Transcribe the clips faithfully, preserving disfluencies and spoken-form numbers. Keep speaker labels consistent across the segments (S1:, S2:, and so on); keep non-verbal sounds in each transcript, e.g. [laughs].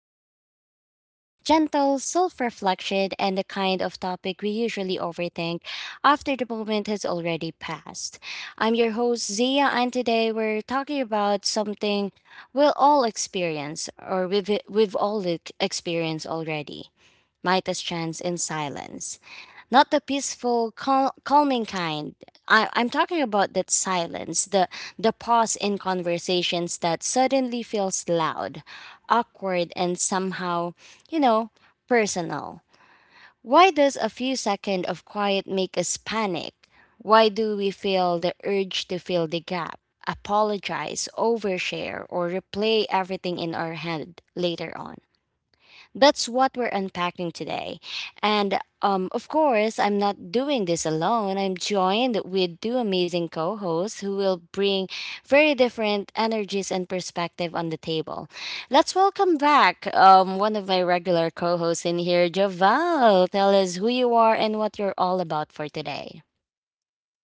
S1: conversation, gentle self reflection, and the kind of topic we usually overthink after the moment has already passed. I'm your host, Zia, and today we're talking about something we'll all experience, or we've, we've all ex- experienced already. Midas chance in silence, not the peaceful, cal- calming kind. I, I'm talking about that silence, the the pause in conversations that suddenly feels loud, awkward, and somehow, you know, personal. Why does a few seconds of quiet make us panic? Why do we feel the urge to fill the gap, apologize, overshare, or replay everything in our head later on? That's what we're unpacking today. And um, Of course, I'm not doing this alone. I'm joined with two amazing co hosts who will bring very different energies and perspective on the table. Let's welcome back um, one of my regular co hosts in here, Javal. Tell us who you are and what you're all about for today.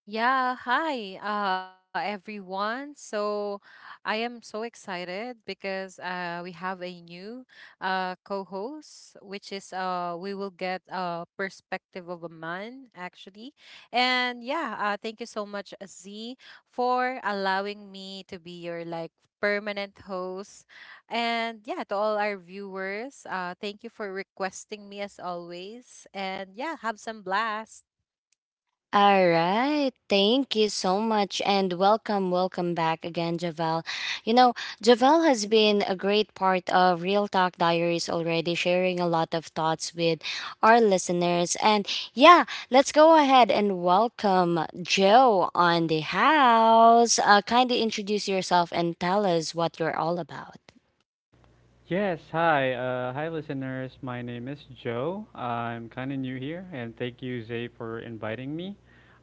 S2: Yeah, hi, uh, everyone. So I am so excited because uh, we have a new uh, co-host, which is uh, we will get a perspective of a man, actually. And yeah, uh, thank you so much, uh, Z, for allowing me to be your like permanent host. And yeah, to all our viewers, uh, thank you for requesting me as always. And yeah, have some blast.
S1: All right. Thank you so much and welcome, welcome back again, Javel. You know, Javel has been a great part of Real Talk Diaries already, sharing a lot of thoughts with our listeners. And yeah, let's go ahead and welcome Joe on the house. Uh, kind of introduce yourself and tell us what you're all about.
S3: Yes, hi. Uh, hi, listeners. My name is Joe. I'm kind of new here, and thank you, Zay, for inviting me.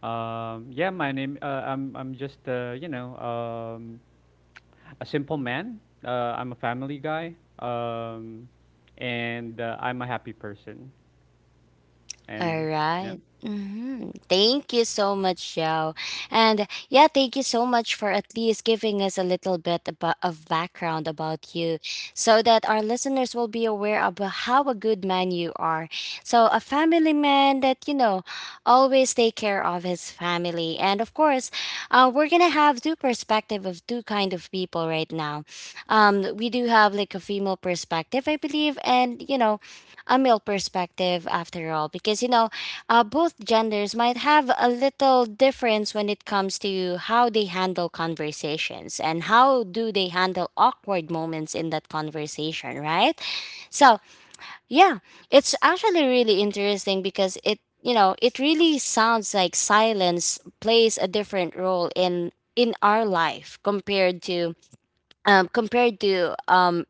S3: Um, yeah, my name. Uh, I'm. I'm just. Uh, you know, um, a simple man. Uh, I'm a family guy. Um, and uh, I'm a happy person.
S1: All
S3: And yeah.
S1: right. Mm-hmm. Thank you so much, Xiao. And yeah, thank you so much for at least giving us a little bit about, of background about you so that our listeners will be aware of how a good man you are. So, a family man that, you know, always take care of his family. And of course, uh, we're going to have two perspective of two kind of people right now. Um, we do have like a female perspective, I believe. And, you know, a male perspective after all, because you know, uh, both genders might have a little difference when it comes to how they handle conversations and how do they handle awkward moments in that conversation, right? So yeah, it's actually really interesting because it, you know, it really sounds like silence plays a different role in in our life compared to, um, compared to um,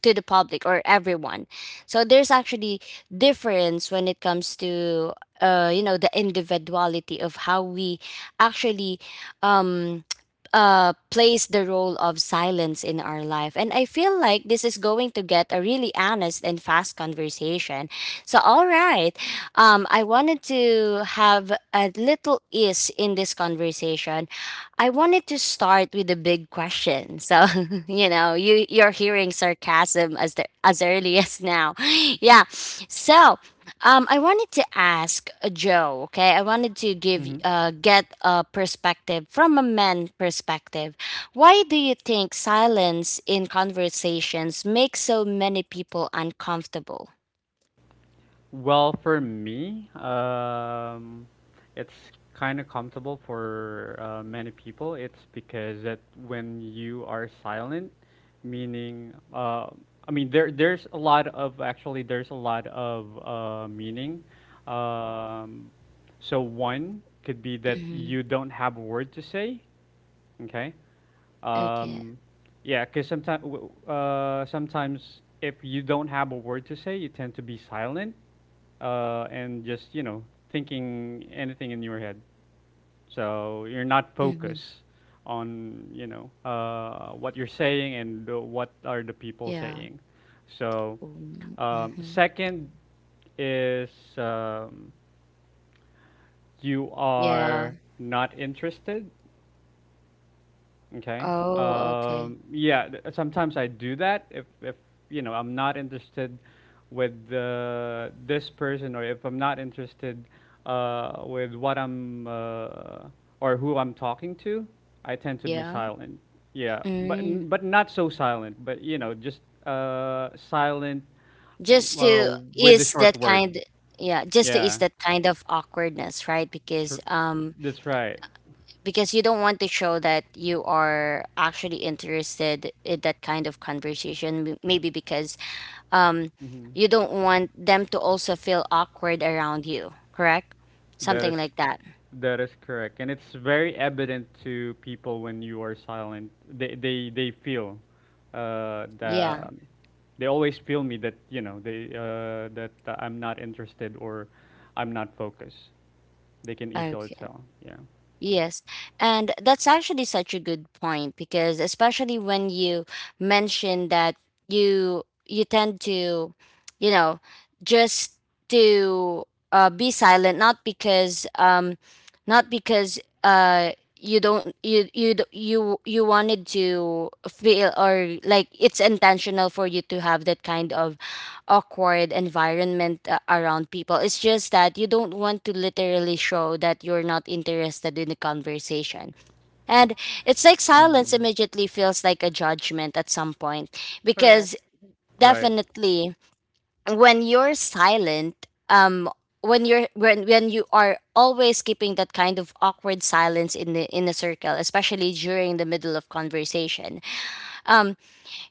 S1: to the public or everyone. So there's actually difference when it comes to, uh, you know, the individuality of how we actually, um, uh, plays the role of silence in our life. And I feel like this is going to get a really honest and fast conversation. So, all right, um, I wanted to have a little ease in this conversation. I wanted to start with a big question. So, [laughs] you know, you you're hearing sarcasm as the, as early as now. [laughs] Yeah. So, um I wanted to ask uh, Joe, okay? I wanted to give uh get a perspective from a man perspective. Why do you think silence in conversations makes so many people uncomfortable?
S3: Well, for me, um, it's kind of comfortable for uh, many people. It's because that when you are silent, meaning, uh, I mean, there there's a lot of actually there's a lot of uh, meaning. Um, so one could be that
S1: Mm-hmm.
S3: you don't have a word to say. Okay.
S1: Okay.
S3: Um, yeah, because sometimes uh, sometimes if you don't have a word to say, you tend to be silent, uh, and just you know thinking anything in your head. So you're not
S1: Mm-hmm.
S3: focused on, you know uh, what you're saying and uh, what are the people
S1: Yeah.
S3: saying. So
S1: Mm-hmm.
S3: um,
S1: Mm-hmm.
S3: second is um, you
S1: Yeah.
S3: are not interested. Okay.
S1: Oh, okay.
S3: Um, yeah, th- sometimes I do that if if you know I'm not interested with uh, this person or if I'm not interested uh, with what I'm uh, or who I'm talking to, I tend to be
S1: Yeah.
S3: silent. Yeah, but n-
S1: Mm.
S3: but not so silent, but you know, just uh, silent,
S1: Just
S3: uh,
S1: to
S3: with a
S1: ease
S3: short
S1: that
S3: word.
S1: kind. Yeah, just to ease
S3: Yeah.
S1: that kind of awkwardness, right? Because
S3: Sure.
S1: um
S3: That's right.
S1: because you don't want to show that you are actually interested in that kind of conversation, m- maybe because um
S3: Mm-hmm.
S1: you don't want them to also feel awkward around you, correct?
S3: That
S1: Something
S3: is
S1: like that.
S3: that is correct. And it's very evident to people when you are silent. They they they feel uh
S1: Yeah.
S3: that um, they always feel me that, you know, they uh that uh, I'm not interested or I'm not focused. They can easily
S1: Okay.
S3: tell. Yeah.
S1: Yes. And that's actually such a good point because especially when you mention that you you tend to, you know, just to, uh, be silent not because um not because uh you don't you you d- you you wanted to feel or like it's intentional for you to have that kind of awkward environment uh, around people. It's just that you don't want to literally show that you're not interested in the conversation. And it's like silence
S3: Mm.
S1: immediately feels like a judgment at some point because
S2: Correct.
S3: Right.
S1: definitely when you're silent, um when you're when when you are always keeping that kind of awkward silence in the in a circle, especially during the middle of conversation, um,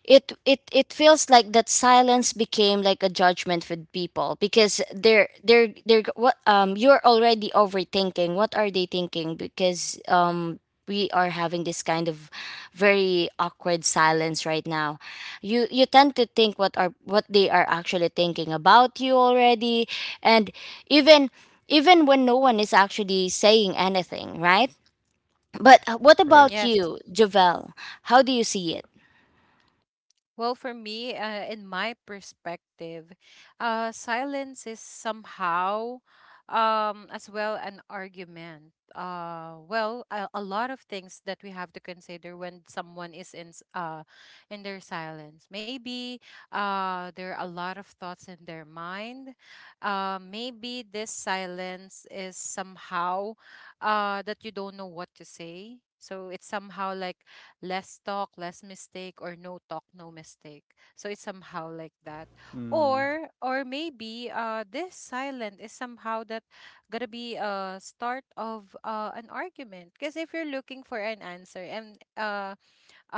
S1: it it it feels like that silence became like a judgment with people because they're they're they're what, um you're already overthinking what are they thinking, because um we are having this kind of very awkward silence right now. You you tend to think what are what they are actually thinking about you already. And even even when no one is actually saying anything, right? but uh, What
S3: Right.
S1: about
S2: Yes.
S1: you, Javel? How do you see it?
S2: Well, for me, uh, in my perspective, uh, silence is somehow, um, as well, an argument. Uh, well, a, a lot of things that we have to consider when someone is in s- uh, in their silence. Maybe uh, there are a lot of thoughts in their mind. Uh, maybe this silence is somehow uh, that you don't know what to say. So it's somehow like less talk, less mistake, or no talk, no mistake. So it's somehow like that.
S3: Mm.
S2: Or or maybe uh this silent is somehow that gonna be a start of uh, an argument. Because if you're looking for an answer and uh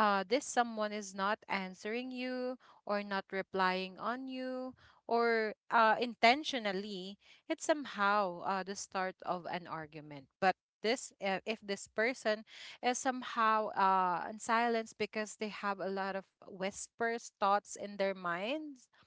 S2: uh, this someone is not answering you or not replying on you or uh, intentionally, it's somehow uh, the start of an argument. But this uh, if this person is somehow uh in silence because they have a lot of whispers thoughts in their minds,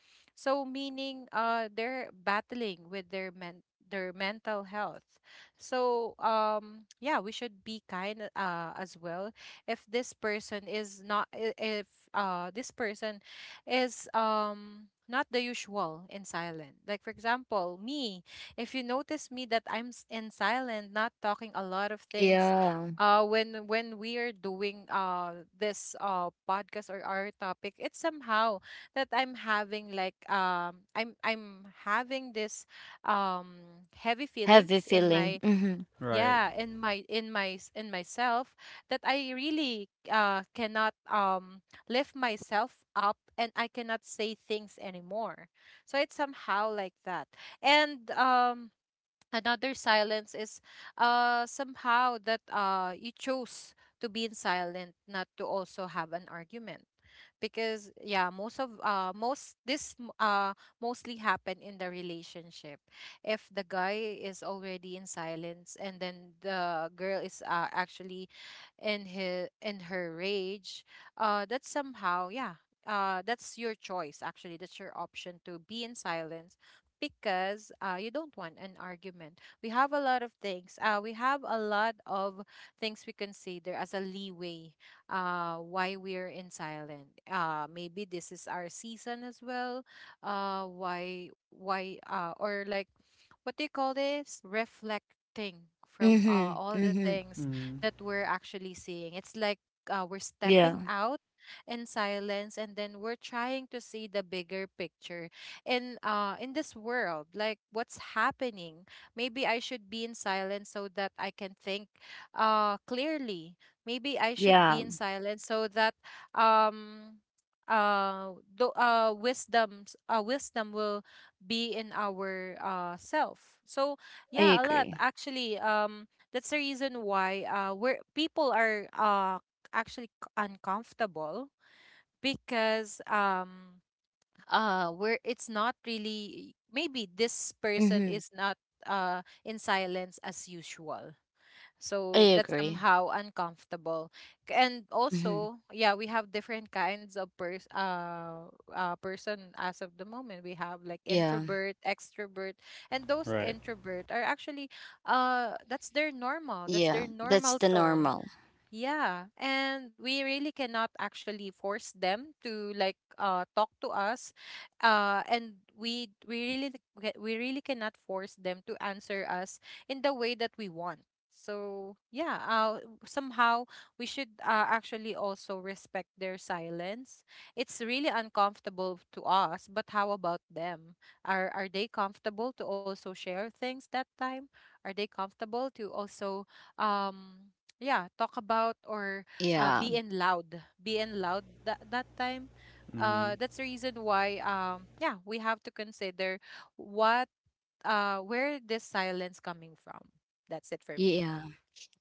S2: so meaning uh they're battling with their men their mental health. So um yeah, we should be kind uh as well if this person is not i- if uh this person is um not the usual in silent. Like for example, me, if you notice me that I'm s- in silent, not talking a lot of things,
S1: Yeah.
S2: uh when when we are doing uh this uh podcast or our topic, it's somehow that I'm having like, um I'm I'm having this um heavy
S1: Heavy
S2: feelings in
S1: feeling.
S2: my,
S1: Mhm.
S3: Right.
S2: yeah, in my in my s- in myself, that I really uh cannot um lift myself up and I cannot say things anymore. So it's somehow like that. And um another silence is uh somehow that uh you chose to be in silent, not to also have an argument, because yeah, most of uh most this m- uh mostly happen in the relationship. If the guy is already in silence and then the girl is uh, actually in his in her rage, uh that's somehow, yeah, uh that's your choice, actually, that's your option to be in silence, because uh, you don't want an argument. We have a lot of things. Uh, we have a lot of things we consider as a leeway uh, why we're in silent. Uh, maybe this is our season as well. Uh, why why uh, or like, what do you call this? Reflecting from uh,
S1: Mhm.
S2: all the
S1: Mhm.
S2: things
S3: Mm.
S2: that we're actually seeing. It's like uh, we're stepping
S1: Yeah.
S2: out in silence and then we're trying to see the bigger picture in uh in this world, like what's happening. Maybe I should be in silence so that I can think uh clearly. Maybe I should be
S1: Yeah.
S2: in silence so that um uh, the uh wisdoms uh wisdom will be in our uh self. So
S1: I
S2: yeah, a lot
S1: agree.
S2: actually, um that's the reason why uh we're people are uh actually c- uncomfortable, because um uh we're it's not really, maybe this person
S1: Mhm.
S2: is not uh in silence as usual,
S1: I
S2: so that's
S1: agree.
S2: somehow uncomfortable. K- And
S1: Mhm.
S2: also, yeah, we have different kinds of pers- uh, uh, person as of the moment. We have like
S1: Yeah.
S2: introvert, extrovert, and those
S3: Right.
S2: introvert are actually, uh that's their normal. That's
S1: Yeah.
S2: their
S1: That's
S2: normal
S1: the
S2: tone,
S1: normal.
S2: yeah, and we really cannot actually force them to like uh talk to us, uh, and we we really c- we really cannot force them to answer us in the way that we want. So yeah, uh, somehow we should uh, actually also respect their silence. It's really uncomfortable to us, but how about them? Are are they comfortable to also share things that time? Are they comfortable to also um? Yeah, talk about, or uh
S1: Yeah.
S2: being loud, being loud that that time, uh
S3: Mm.
S2: that's the reason why, um yeah, we have to consider what, uh where this silence coming from. That's it for me.
S1: Yeah.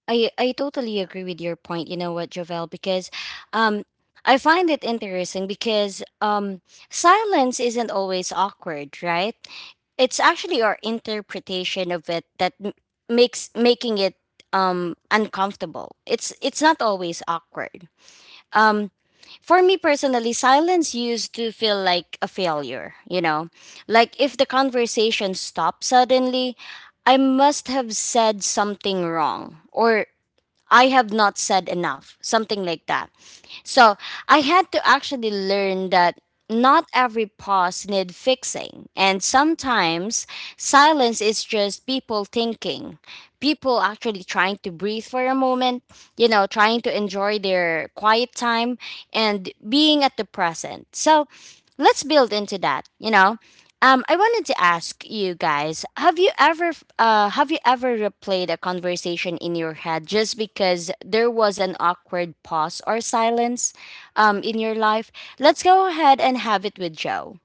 S1: I I totally agree with your point. You know what, Jovel, because um I find it interesting because um silence isn't always awkward, right? It's actually our interpretation of it that m- makes making it um uncomfortable. It's it's not always awkward. Um, for me personally, silence used to feel like a failure, you know? Like if the conversation stopped suddenly, I must have said something wrong, or I have not said enough, something like that. So I had to actually learn that not every pause need fixing, and sometimes silence is just people thinking, people actually trying to breathe for a moment, you know, trying to enjoy their quiet time and being at the present. So let's build into that, you know, um, I wanted to ask you guys: Have you ever, uh, have you ever replayed a conversation in your head just because there was an awkward pause or silence, um, in your life? Let's go ahead and have it with Joe.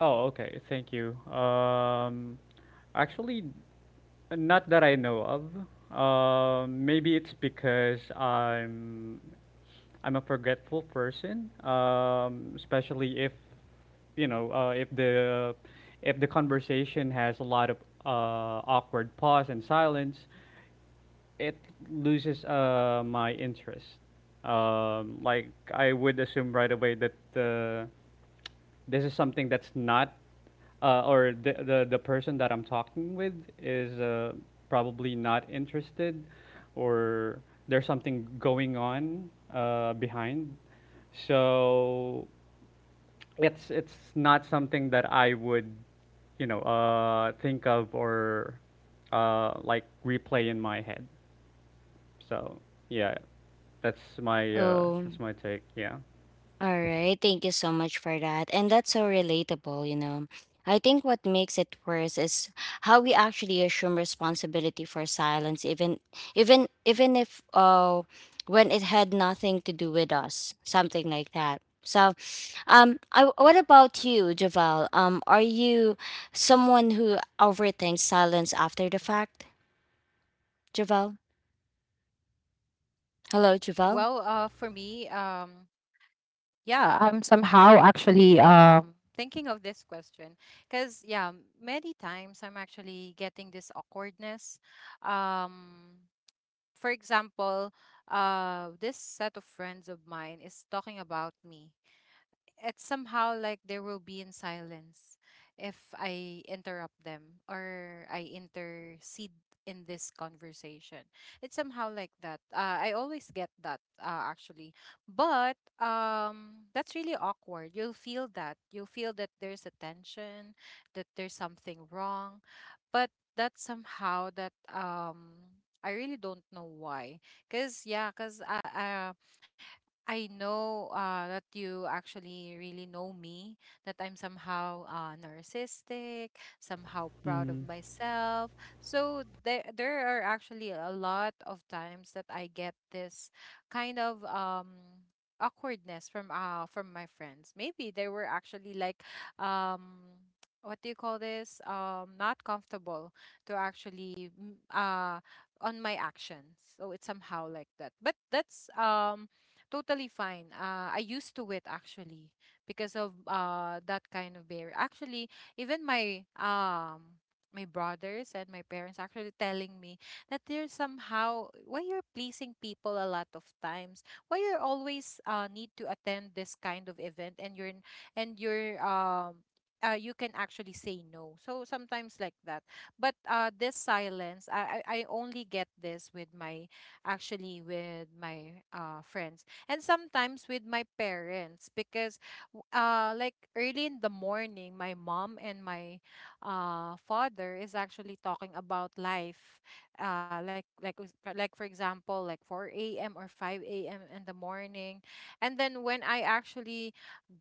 S3: Oh, okay. Thank you. Um, actually, not that I know of. Um, maybe it's because I'm I'm a forgetful person, um, especially if, you know uh, if the, if the conversation has a lot of uh, awkward pause and silence, it loses uh my interest. Um, like, I would assume right away that, uh, this is something that's not uh, or the, the the person that I'm talking with is uh, probably not interested, or there's something going on uh, behind. So it's it's not something that I would, you know uh, think of or uh, like replay in my head. So yeah, that's my uh,
S1: Oh.
S3: that's my take. Yeah.
S1: All right, thank you so much for that. And that's so relatable, you know. I think what makes it worse is how we actually assume responsibility for silence, even even even if uh when it had nothing to do with us, something like that. So, um I, what about you, Javel? Um are you someone who overthinks silence after the fact? Javel?
S2: Well, uh for
S1: Hello,
S2: me,
S1: Javel?
S2: um yeah, I'm somehow actually um thinking of this question, because yeah, many times I'm actually getting this awkwardness. um for example, uh, this set of friends of mine is talking about me. It's somehow like they will be in silence if I interrupt them or I intercede in this conversation. It's somehow like that. Uh, I always get that uh, actually, but um, that's really awkward. You'll feel that. You'll feel that there's a tension, that there's something wrong, but that somehow that um. I really don't know why, cause yeah, cause I, I, know uh, that you actually really know me, that I'm somehow uh, narcissistic, somehow proud of
S3: Mm.
S2: myself. So there, there are actually a lot of times that I get this kind of, um, awkwardness from uh, from my friends. Maybe they were actually like, um, what do you call this? Um, not comfortable to actually, mm, uh, on my actions. So it's somehow like that. But that's um totally fine. Uh, I used to it actually, because of uh that kind of behavior. Actually, even my, um my brothers and my parents actually telling me that they're somehow, why you're pleasing people a lot of times. Why you're always uh need to attend this kind of event, and you're n- and you're, um uh, you can actually say no. So sometimes like that. But uh, this silence, I, I I only get this with my, actually with my uh, friends, and sometimes with my parents, because w- uh like early in the morning my mom and my uh father is actually talking about life, uh like, like us- for- like, for example, like four a m or five a m in the morning, and then when I actually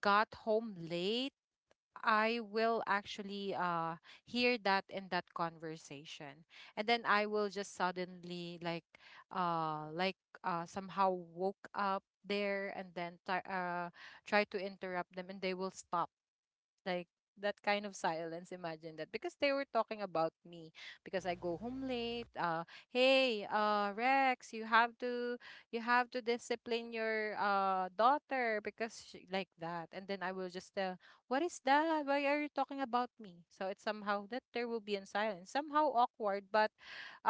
S2: got home late, I will actually uh hear that in that conversation. And then I will just suddenly like, uh like, uh somehow woke up there, and then try uh try to interrupt them, and they will stop, like that kind of silence. Imagine that, because they were talking about me, because I go home late. Uh hey uh Rex, you have to you have to discipline your uh daughter because she, like that. And then I will just tell, what is that, why are you talking about me? So it's somehow that there will be in silence, somehow awkward, but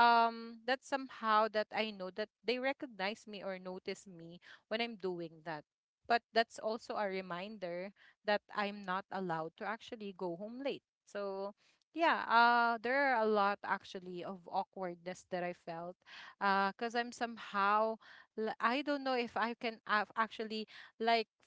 S2: um that's somehow that I know that they recognize me or notice me when I'm doing that. But that's also a reminder that I'm not allowed to actually go home late. So yeah, uh, there are a lot actually of awkwardness that I felt, uh, cause I'm somehow, l- I don't know if I can a- actually, like,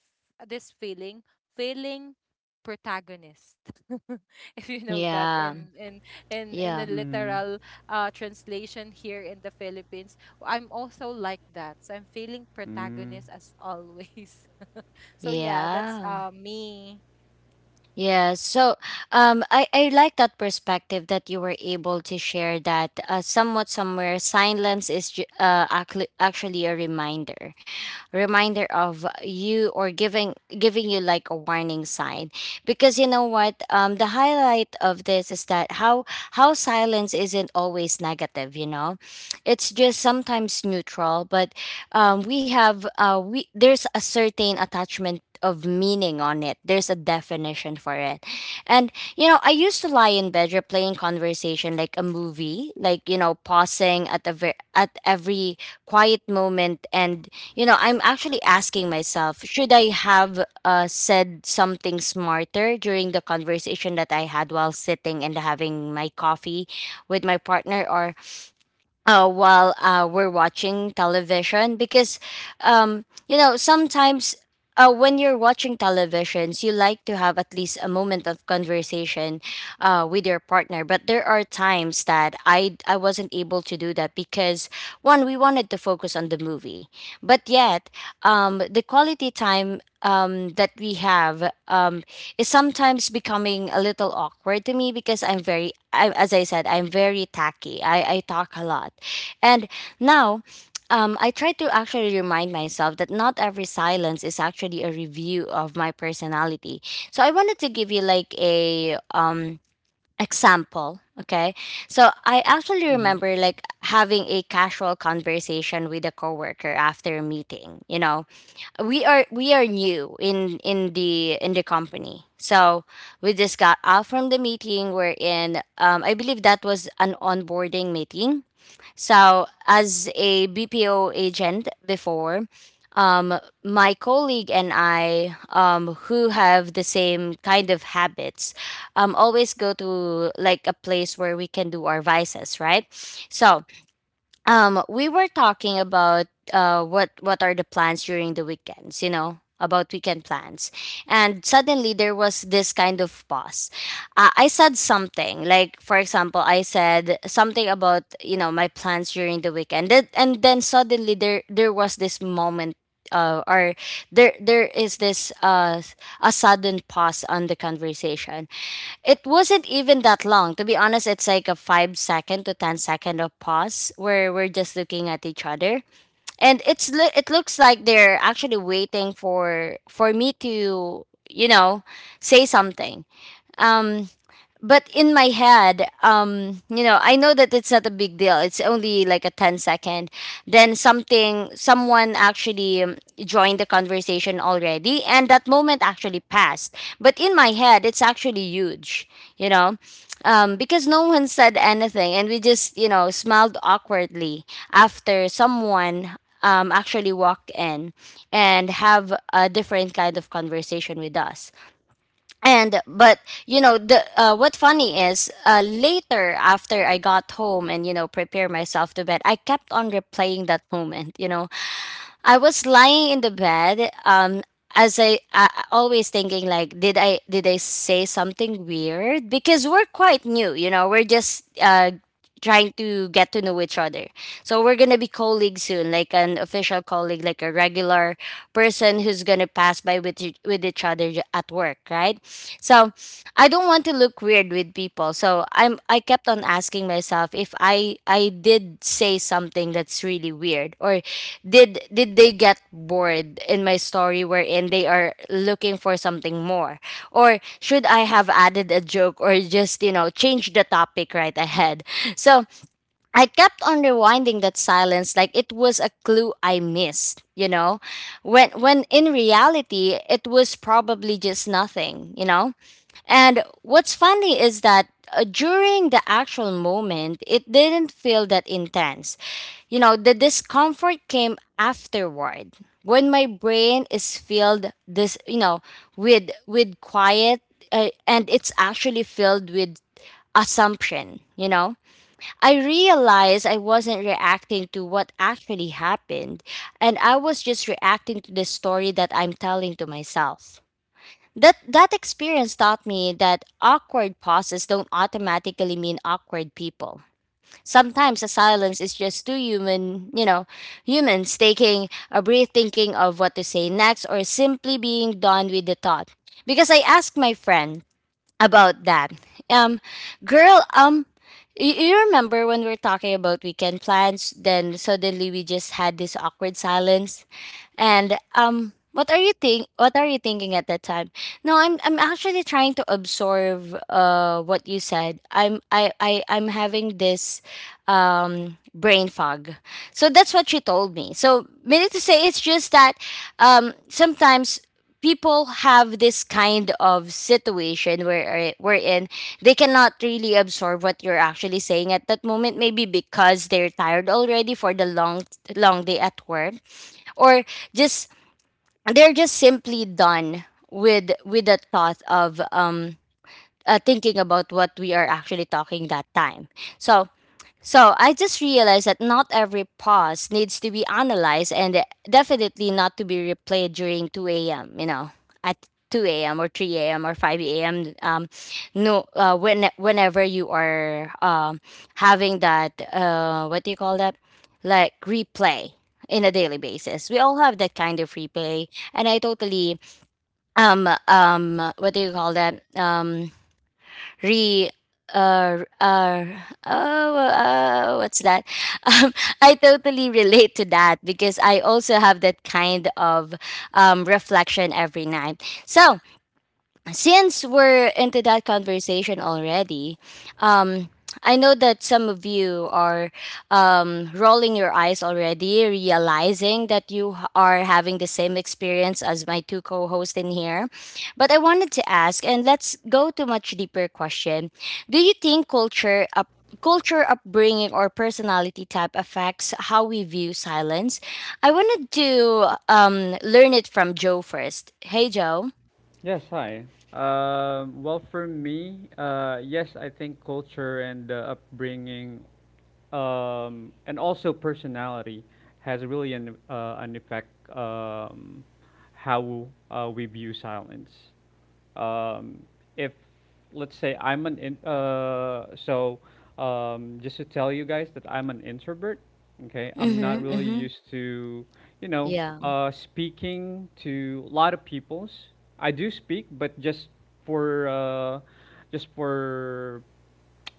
S2: f- this feeling, feeling protagonist [laughs] if you know that
S1: Yeah.
S2: in in in in the
S1: Yeah.
S3: Mm.
S2: literal uh translation here in the Philippines. I'm also like that, so I'm feeling
S3: Mm.
S2: protagonist as always. [laughs] So yeah, that's
S1: Yeah.
S2: uh me.
S1: Yeah, so um, I, I like that perspective that you were able to share, that uh, somewhat somewhere silence is, ju- uh, actu- actually a reminder, reminder of you, or giving, giving you like a warning sign. Because you know what, um the highlight of this is that how how silence isn't always negative, you know, it's just sometimes neutral. But um we have uh we, there's a certain attachment of meaning on it, there's a definition for it. And you know, I used to lie in bed replaying conversation like a movie, like, you know, pausing at the ver- at every quiet moment. And you know, I'm actually asking myself, should I have, uh, said something smarter during the conversation that I had while sitting and having my coffee with my partner? Or uh, while uh, we're watching television. Because um, you know, sometimes uh, when you're watching televisions, you like to have at least a moment of conversation uh, with your partner. But there are times that I, I wasn't able to do that because, one, we wanted to focus on the movie. But yet, um, the quality time, um, that we have, um, is sometimes becoming a little awkward to me because I'm very, I, as I said, I'm very tacky. I, I talk a lot. And now, um, I try to actually remind myself that not every silence is actually a review of my personality. So I wanted to give you like a, um, example. Okay. So I actually
S3: Mm-hmm.
S1: remember like having a casual conversation with a coworker after a meeting, you know, we are we are new in in the in the company. So we just got out from the meeting we're in, um, I believe that was an onboarding meeting. So as a BPO agent before, um, my colleague and I, um, who have the same kind of habits, um, always go to like a place where we can do our vices, right? So um we were talking about, uh what what are the plans during the weekends, you know, about weekend plans. And suddenly there was this kind of pause. Uh, i said something, like for example, I said something about, you know, my plans during the weekend. Then- and then suddenly there there was this moment, uh, or there there is this uh a sudden pause on the conversation. It wasn't even that long. To be honest, it's like a five second to ten second of pause where we're just looking at each other. And it's lo- it looks like they're actually waiting for for me to, you know, say something. Um, but in my head, um you know, I know that it's not a big deal. It's only like a ten second. Then something someone actually um, joined the conversation already, and that moment actually passed. But in my head it's actually huge, you know. Um, because no one said anything and we just, you know, smiled awkwardly after someone um, actually walked in and have a different kind of conversation with us. And but you know, the uh, what funny is, uh, later after I got home and you know prepare myself to bed, I kept on replaying that moment, you know. I was lying in the bed, um, as I, I I always thinking like, did I did I say something weird? Because we're quite new, you know, we're just uh trying to get to know each other. So we're gonna be colleagues soon, like an official colleague, like a regular person who's gonna pass by with each- with each other at work, right? So I don't want to look weird with people. So I'm I kept on asking myself if I I did say something that's really weird, or did did they get bored in my story, wherein they are looking for something more, or should I have added a joke, or just you know change the topic right ahead. So I kept on rewinding that silence like it was a clue I missed, you know? When when in reality it was probably just nothing, you know? And what's funny is that uh, during the actual moment, it didn't feel that intense. You know, the discomfort came afterward when my brain is filled this, you know, with with quiet, uh, and it's actually filled with assumption, you know? I realized I wasn't reacting to what actually happened, and I was just reacting to the story that I'm telling to myself. That that experience taught me that awkward pauses don't automatically mean awkward people. Sometimes a silence is just two human, you know, humans taking a breath, thinking of what to say next, or simply being done with the thought. Because I asked my friend about that. Um, Girl, um, y- you remember when we were talking about weekend plans? Then suddenly we just had this awkward silence, and um, what are you think? What are you thinking at that time? No, I'm I'm actually trying to absorb uh what you said. I'm I I I'm having this um, brain fog. So that's what she told me. So meaning to say, it's just that um, sometimes people have this kind of situation where uh, wherein they cannot really absorb what you're actually saying at that moment. Maybe because they're tired already for the long long day at work, or just they're just simply done with with the thought of um, uh, thinking about what we are actually talking that time. So so I just realized that not every pause needs to be analyzed, and definitely not to be replayed during two a m, you know, at two a m or three a m or five a m. Um, no, uh, when, whenever you are um, having that, uh, what do you call that? Like replay in a daily basis. We all have that kind of replay. And I totally, um, um, what do you call that? Um, re uh, uh, oh, uh, what's that? [laughs] Um, I totally relate to that because I also have that kind of um, reflection every night. So, since we're into that conversation already, um, I know that some of you are um, rolling your eyes already, realizing that you h- are having the same experience as my two co hosts in here. But I wanted to ask, and let's go to much deeper question. Do you think culture up culture upbringing or personality type affects how we view silence? I wanted to um, learn it from Joe first. Hey Joe.
S3: Yes, hi. Um, well, for me, uh, yes, I think culture and uh, upbringing, um, and also personality, has really an uh, an effect um, how uh, we view silence. um, if let's say I'm an in, uh, so um, just to tell you guys that I'm an introvert. Okay, I'm not really
S1: Mm-hmm,
S3: used to, you know
S1: Yeah,
S3: uh, speaking to a lot of peoples. I do speak, but just for uh, just for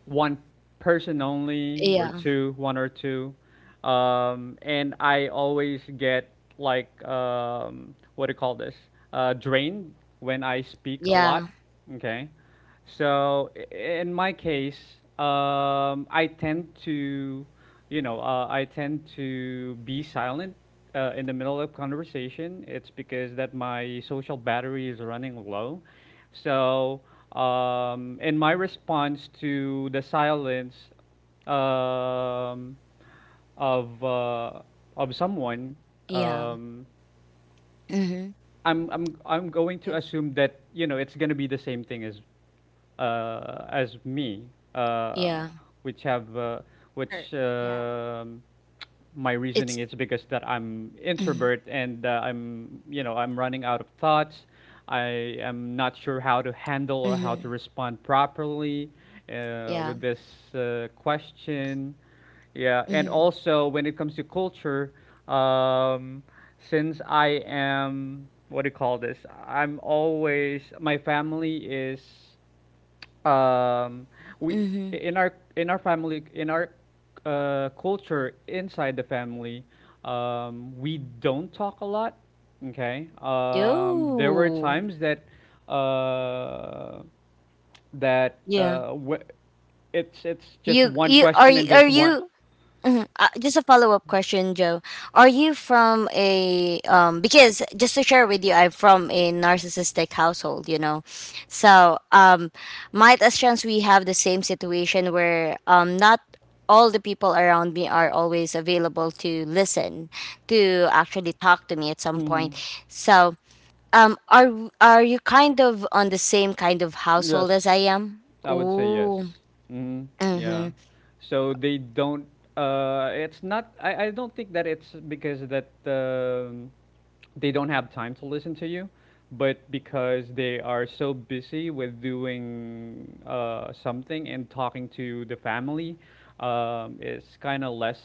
S3: one person only or
S1: yeah,
S3: two, one or two. Um, and I always get like um, what do you call this? Uh, drained when I speak a lot.
S1: yeah,
S3: Okay. So i- in my case, um, I tend to, you know, uh, I tend to be silent uh, in the middle of conversation. It's because that my social battery is running low, so, um, in my response to the silence um, of uh, of someone,
S2: Yeah.
S1: yeah,
S3: um,
S1: Mm-hmm.
S3: I'm I'm I'm going to
S2: Yes.
S3: assume that, you know it's gonna be the same thing as uh, as me, uh,
S1: Yeah.
S3: which have uh,
S2: Her.
S3: which
S2: Yeah.
S3: um my reasoning
S1: It's
S3: is because that I'm
S1: mm-hmm.
S3: introvert and uh, I'm,
S2: Yeah.
S3: you know I'm running out of thoughts. I am not sure how to handle or how to
S1: Mm-hmm.
S3: respond properly uh,
S1: Yeah.
S3: with this uh, question. Yeah, and
S1: Mm-hmm.
S3: also when it comes to culture, um, since I am, what do you call this? I'm always, my family is, um, we
S1: Mm-hmm.
S3: in our in our family in our uh, culture inside the family, um, we don't talk a lot. Okay, um, there were
S1: Yo.
S3: times that. Uh, that
S1: Yeah.
S3: uh, wh- it's it's just
S1: You
S3: one
S1: you are
S3: question
S1: you
S3: and
S1: are
S3: just one.
S1: you Mhm. Uh, just a follow up question, Joe. Are you from a um? Because just to share with you, I'm from a narcissistic household. You know, so um, might as chance we have the same situation where um, not all the people around me are always available to listen, to actually talk to me at some point.
S3: Mhm.
S1: So um, are are you kind of on the same kind of household as I
S3: Yes.
S1: am?
S3: I would say yes.
S1: Oh.
S3: Hmm. Yeah. So they don't. Uh, it's not. I, I don't think that it's because that um, they don't have time to listen to you, but because they are so busy with doing uh, something and talking to the family, um, it's kind of less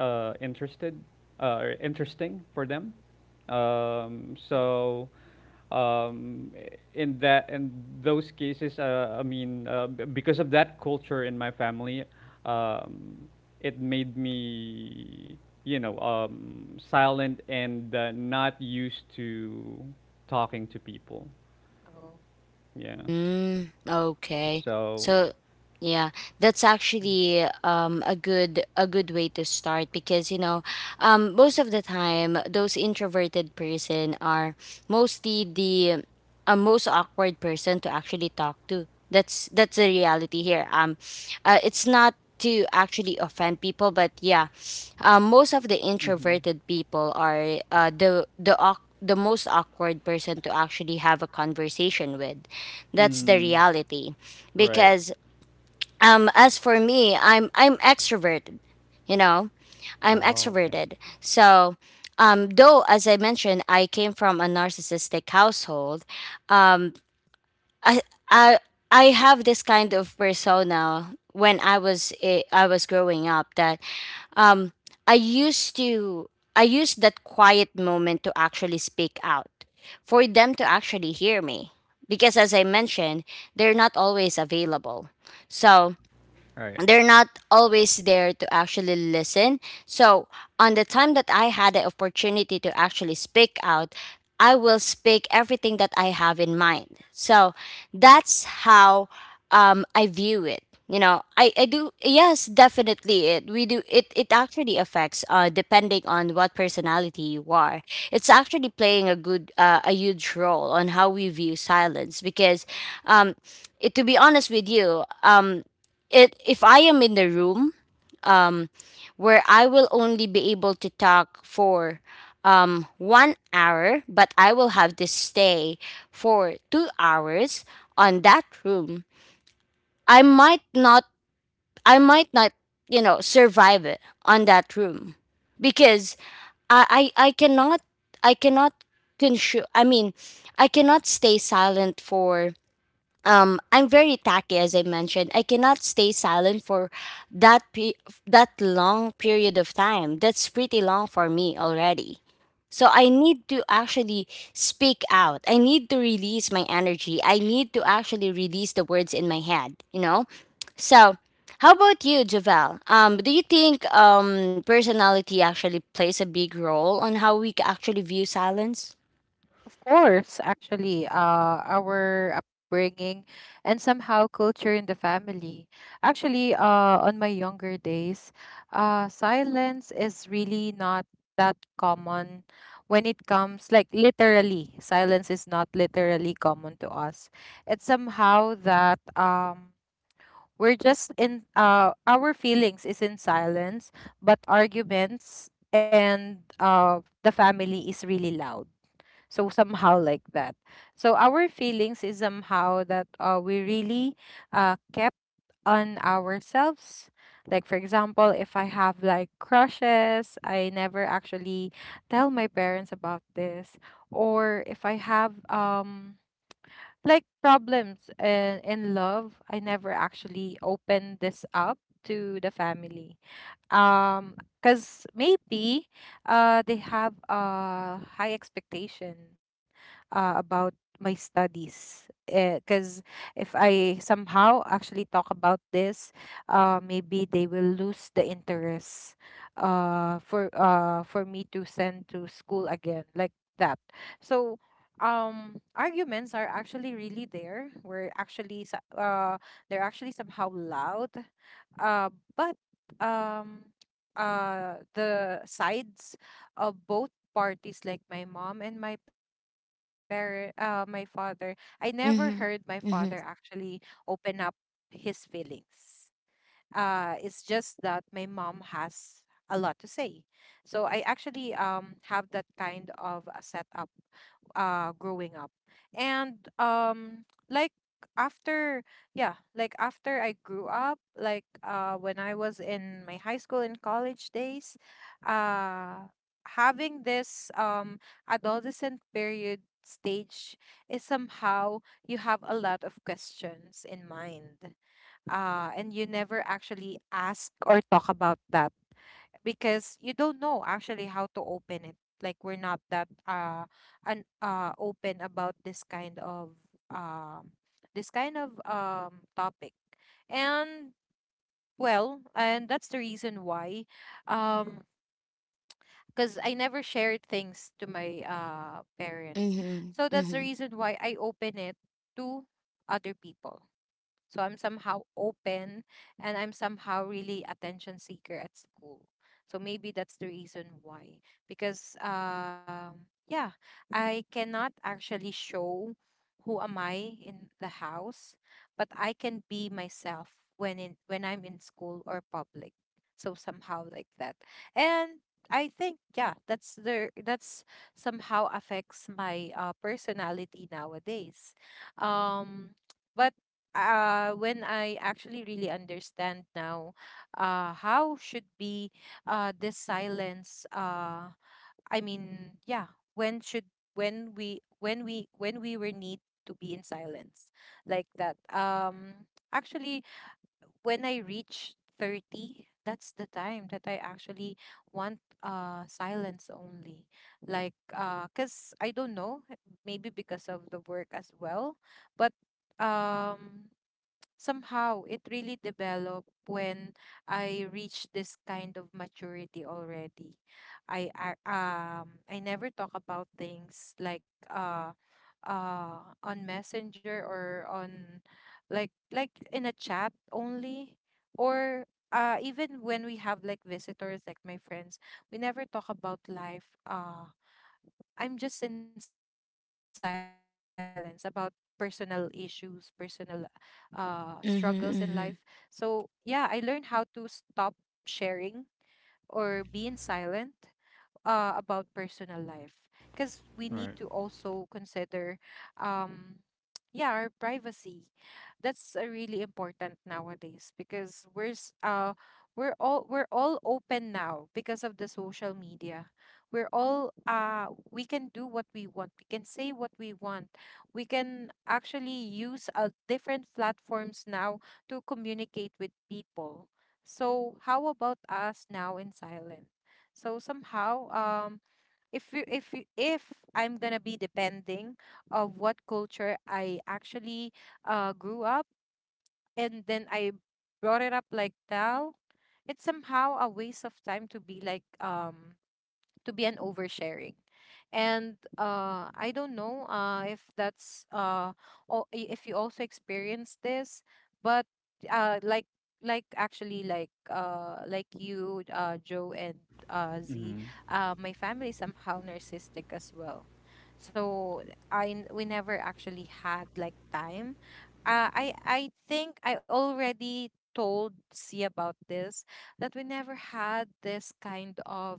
S3: uh, interested uh, or interesting for them. Um,
S2: Yeah.
S3: so um, in that in those cases, uh, i mean uh, b- because of that culture in my family, um, it made me, you know um, silent and uh, not used to talking to people.
S2: Oh.
S3: Yeah.
S1: Mm, okay.
S3: So.
S1: So yeah, that's actually um a good a good way to start, because you know, um most of the time those introverted person are mostly the uh, most awkward person to actually talk to. That's that's the reality here. Um uh, it's not to actually offend people, but yeah, um, most of the
S3: Mm-hmm.
S1: introverted people are uh, the the awk- the most awkward person to actually have a conversation with. That's the
S3: Mm.
S1: reality.
S3: Right.
S1: Because um as for me, I'm I'm extroverted, you know? I'm
S3: Oh, okay.
S1: extroverted. So um though as I mentioned, I came from a narcissistic household, um I I I have this kind of persona when I was eh, I was growing up, that um i used to I used that quiet moment to actually speak out, for them to actually hear me. Because as I mentioned, they're not always available, so
S3: Right.
S1: they're not always there to actually listen. So, on the time that I had the opportunity to actually speak out, I will speak everything that I have in mind. So, that's how um, I view it. You know, I, I do yes, definitely it we do it it actually affects, uh depending on what personality you are. It's actually playing a good uh, a huge role on how we view silence. Because um it, to be honest with you, um it if I am in the room um where I will only be able to talk for um one hour, but I will have to stay for two hours on that room, I might not I might not, you know, survive it on that room. Because I I, I cannot I cannot consume I mean I cannot stay silent for um, I'm very tacky, as I mentioned. I cannot stay silent for that pe- that long period of time. That's pretty long for me already. So I need to actually speak out. I need to release my energy. I need to actually release the words in my head. You know. So, how about you, Javel? Um, do you think um personality actually plays a big role on how we c- actually view silence?
S2: Of course, actually, uh, our upbringing and somehow culture in the family. Actually, uh, on my younger days, uh, silence is really not that common. When it comes like literally, silence is not literally common to us. It's somehow that, um we're just in, uh our feelings is in silence, but arguments and uh the family is really loud. So somehow like that. So our feelings is somehow that uh we really uh kept on ourselves. Like for example, if I have like crushes, I never actually tell my parents about this. Or if I have um like problems and in love, I never actually opened this up to the family um because maybe uh they have a high expectation uh, about my studies, because if I somehow actually talk about this, uh maybe they will lose the interest uh for uh for me to send to school again, like that. So um arguments are actually really there. We're actually so- uh they're actually somehow loud. Uh but um uh the sides of both parties, like my mom and my parent, uh my father. I never heard my father
S1: Mm-hmm.
S2: actually
S1: Mm-hmm.
S2: open up his feelings. Uh it's just that my mom has a lot to say. So I actually um have that kind of a setup, uh growing up. And um like after yeah, like after I grew up, like uh when I was in my high school and college days, uh having this um adolescent period stage is somehow, you have a lot of questions in mind, uh and you never actually ask or talk about that, because you don't know actually how to open it. Like, we're not that uh an uh open about this kind of um this kind of um topic. And well, and that's the reason why, um because I never shared things to my uh parents.
S1: Mm-hmm.
S2: So that's
S1: Mm-hmm.
S2: the reason why I open it to other people. So I'm somehow open, and I'm somehow really attention seeker at school. So maybe that's the reason why. Because um yeah, I cannot actually show who am I in the house, but I can be myself when in when I'm in school or public. So somehow like that. And I think, yeah, that's the that's somehow affects my uh, personality nowadays. Um but uh, when I actually really understand now, uh, how should be uh, this silence, uh, I mean, yeah, when should, when we when we when we were need to be in silence, like that. Um actually, when I reach thirty, that's the time that I actually want uh silence only, like. Uh cuz I don't know, maybe because of the work as well. But um somehow it really developed when I reached this kind of maturity already. I ar- um I never talk about things like, uh uh on Messenger or on, like like in a chat only. Or uh even when we have like visitors, like my friends, we never talk about life. uh I'm just in silence about personal issues, personal uh, struggles in life.
S1: Mm-hmm.
S2: So,
S1: Mm-hmm.
S2: yeah, I learned how to stop sharing or be in silent uh, about personal life, because we need to
S3: Right. All right.
S2: also consider um yeah, our privacy. That's uh, really important nowadays, because we're s- uh we're all we're all open now because of the social media. We're all uh we can do what we want, we can say what we want, we can actually use uh, different platforms now to communicate with people. So how about us now in silence? So somehow, um, if you, if you, if I'm gonna be depending of what culture I actually uh, grew up, and then I brought it up like now, it's somehow a waste of time to be like, um to be an oversharing. And uh I don't know uh if that's uh or if you also experience this. But uh like like actually, like uh like you, uh Joe, and uh
S3: Mm-hmm.
S2: Z. Uh my family is somehow narcissistic as well. So i n- we never actually had like time. Uh, i i think I already told C about this, that we never had this kind of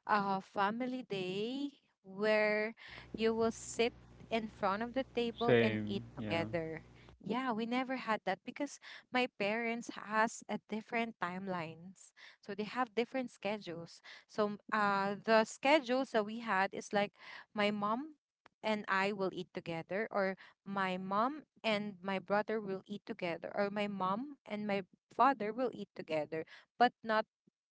S2: a family day where you will sit in front of the table and
S3: Same.
S2: eat
S3: Yeah.
S2: together. Yeah, we never had that because my parents has a different timelines. So they have different schedules. So uh the schedules that we had is like, my mom and I will eat together, or my mom and my brother will eat together, or my mom and my father will eat together, but not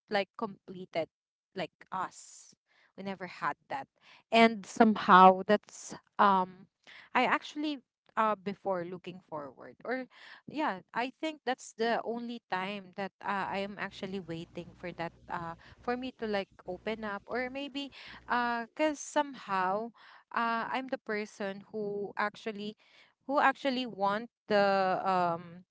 S2: like completed, like us. We never had that. And somehow that's, um I actually, uh before looking forward, or yeah, I think that's the only time that uh, I am actually waiting for that, uh for me to like open up. Or maybe uh cuz somehow uh I'm the person who actually, who actually want the, um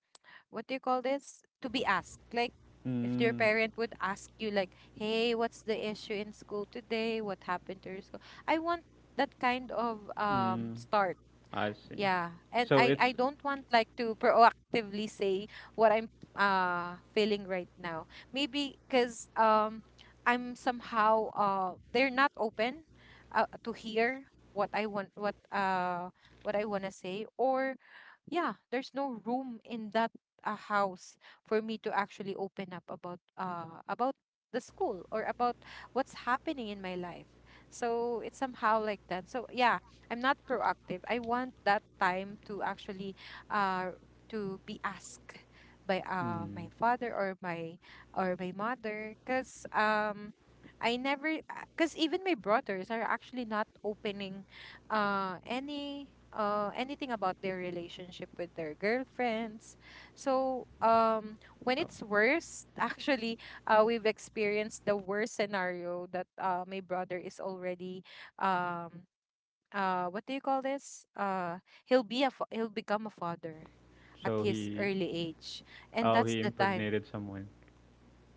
S2: what do you call this, to be asked. Like, if your
S3: Mm.
S2: parent would ask you like, hey, what's the issue in school today, what happened to your school. I want that kind of um
S3: Mm.
S2: start.
S3: I see.
S2: Yeah, and
S3: So
S2: i i
S3: it's.
S2: don't want like to proactively say what I'm uh feeling right now. Maybe because um I'm somehow, uh they're not open uh, to hear what I want, what uh what I want to say, or yeah, there's no room in that uh, house for me to actually open up about, uh about the school or about what's happening in my life. So it's somehow like that. So yeah, I'm not proactive. I want that time to actually, uh to be asked by uh my
S3: Mm.
S2: father, or my or my mother, because um I never, because even my brothers are actually not opening uh any uh anything about their relationship with their girlfriends. So um when
S3: Oh,
S2: it's worse, [laughs] actually, uh we've experienced the worst scenario that uh my brother is already, um uh what do you call this, uh he'll be a fa- he'll become a father at
S3: so
S2: his
S3: he.
S2: early age. And
S3: Oh,
S2: that's
S3: he
S2: the time.
S3: impregnated someone.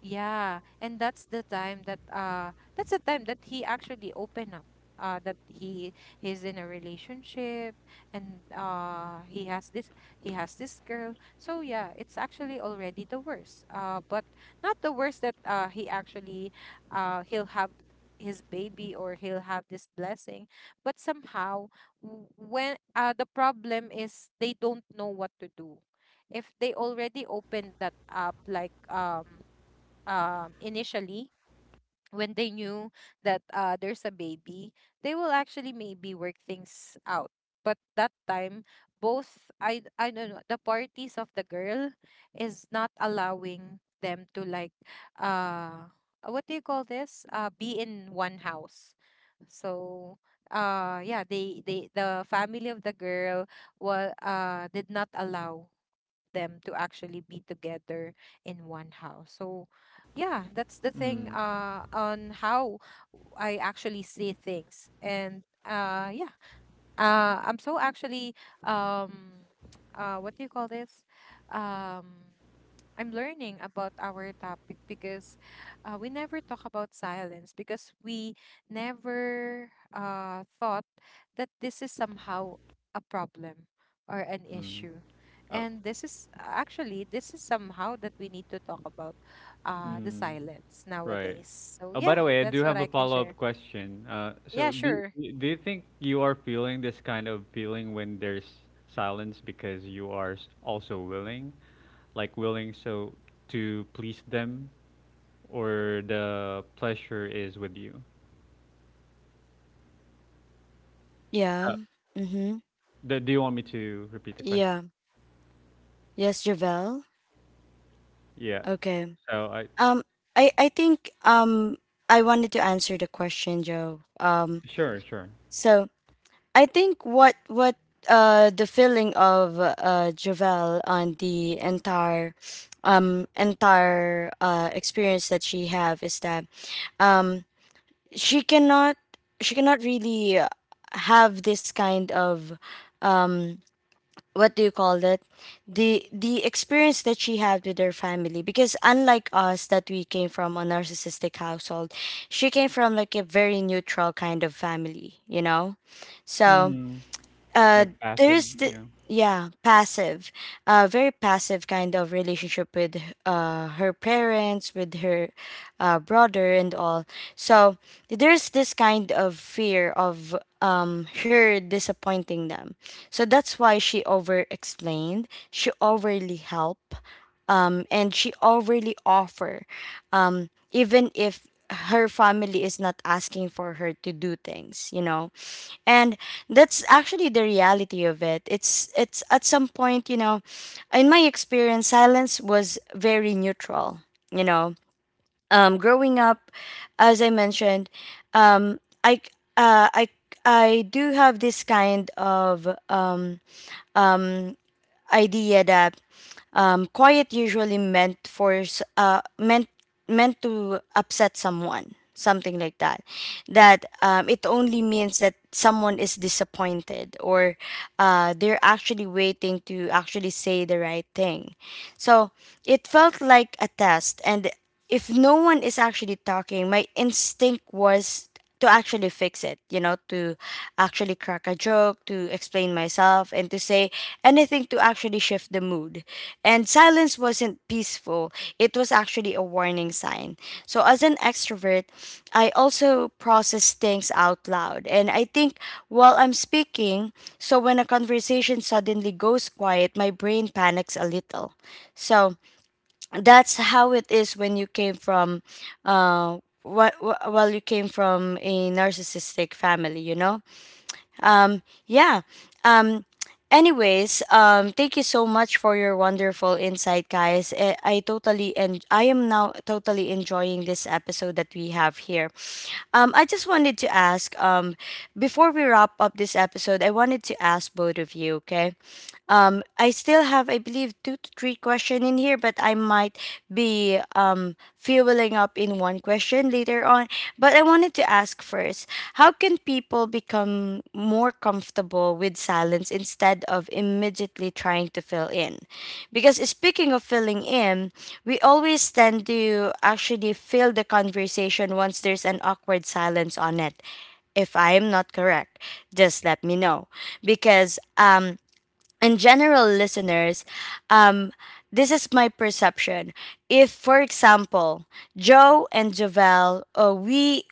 S2: Yeah, and that's the time that uh that's the time that he actually opened up. Uh, that he he's in a relationship, and uh he has this he has this girl. So yeah, it's actually already the worst. Uh, but not the worst that uh he actually, uh he'll have his baby or he'll have this blessing. But somehow, w- when uh the problem is they don't know what to do. If they already opened that up, like, um um, initially when they knew that, uh, there's a baby, they will actually maybe work things out. But that time, both, I I don't know, the parties of the girl is not allowing them to like, uh what do you call this, uh be in one house. So uh yeah, they they, the family of the girl was, uh did not allow them to actually be together in one house. So yeah, that's the thing uh on how I actually see things. And uh yeah, uh, I'm so actually, um [tsk] uh what do you call this? Um I'm learning about our topic because, uh, we never talk about silence because we never uh thought that this is somehow a problem or an issue.
S3: Mm.
S2: And
S3: Oh.
S2: this is actually this is somehow that we need to talk about, uh the
S3: Mm.
S2: silence nowadays.
S3: Right.
S2: So
S3: Oh,
S2: yeah,
S3: by the way, I
S2: that's what
S3: do
S2: I
S3: have a
S2: can share.
S3: follow-up question. Uh,
S2: Yeah,
S3: so
S2: sure.
S3: do y- do you think you are feeling this kind of feeling when there's silence because you are s- also willing, like willing so to please them, or the pleasure is with you? Uh,
S1: Yeah. Mm-hmm.
S3: do, do you want me to repeat the question?
S1: Yeah. Yes, Javel.
S3: Yeah.
S1: Okay.
S3: So I.
S1: Um, I I think um I wanted to answer the question, Joe. Um,
S3: Sure, sure.
S1: so I think what what uh the feeling of uh Javel on the entire um entire uh experience that she have is that um she cannot she cannot really uh, have this kind of um what do you call it, the the experience that she had with her family. Because unlike us that we came from a narcissistic household, she came from like a very neutral kind of family, you know. So
S3: Mm,
S1: uh
S3: like passive,
S1: there's the
S3: yeah.
S1: yeah, passive, uh very passive kind of relationship with uh her parents, with her uh brother and all. So there's this kind of fear of um her disappointing them, so that's why she over explained, she overly help, um and she overly offer, um even if her family is not asking for her to do things, you know. And that's actually the reality of it. it's it's at some point, you know, in my experience silence was very neutral, you know. um growing up, as I mentioned, um i uh, i I do have this kind of uh, idea that um, quiet usually meant for s- uh, meant meant to upset someone, something like that. That um, it only means that someone is disappointed, or uh, they're actually waiting to actually say the right thing. So it felt like a test, and if no one is actually talking, my instinct was to actually fix it, you know, to actually crack a joke, to explain myself, and to say anything to actually shift the mood. And silence wasn't peaceful, it was actually a warning sign. So, as an extrovert, I also process things out loud. And I think while I'm speaking, so when a conversation suddenly goes quiet, my brain panics a little. So, that's how it is when you came from uh wh- wh- well you came from a narcissistic family, you know. Yeah. um anyways, um thank you so much for your wonderful insight guys. i, I totally and I am now totally enjoying this episode that we have here. um I just wanted to ask, um before we wrap up this episode, I wanted to ask both of you, okay, um, I still have, I believe, two to three question in here, but I might be um, fueling up in one question later on. But I wanted to ask first, how can people become more comfortable with silence instead of immediately trying to fill in? Because speaking of filling in, we always tend to actually fill the conversation once there's an awkward silence on it, if I am not correct, just let me know. Because um, in general listeners, um this is my perception. If for example Joe and Javel, uh, we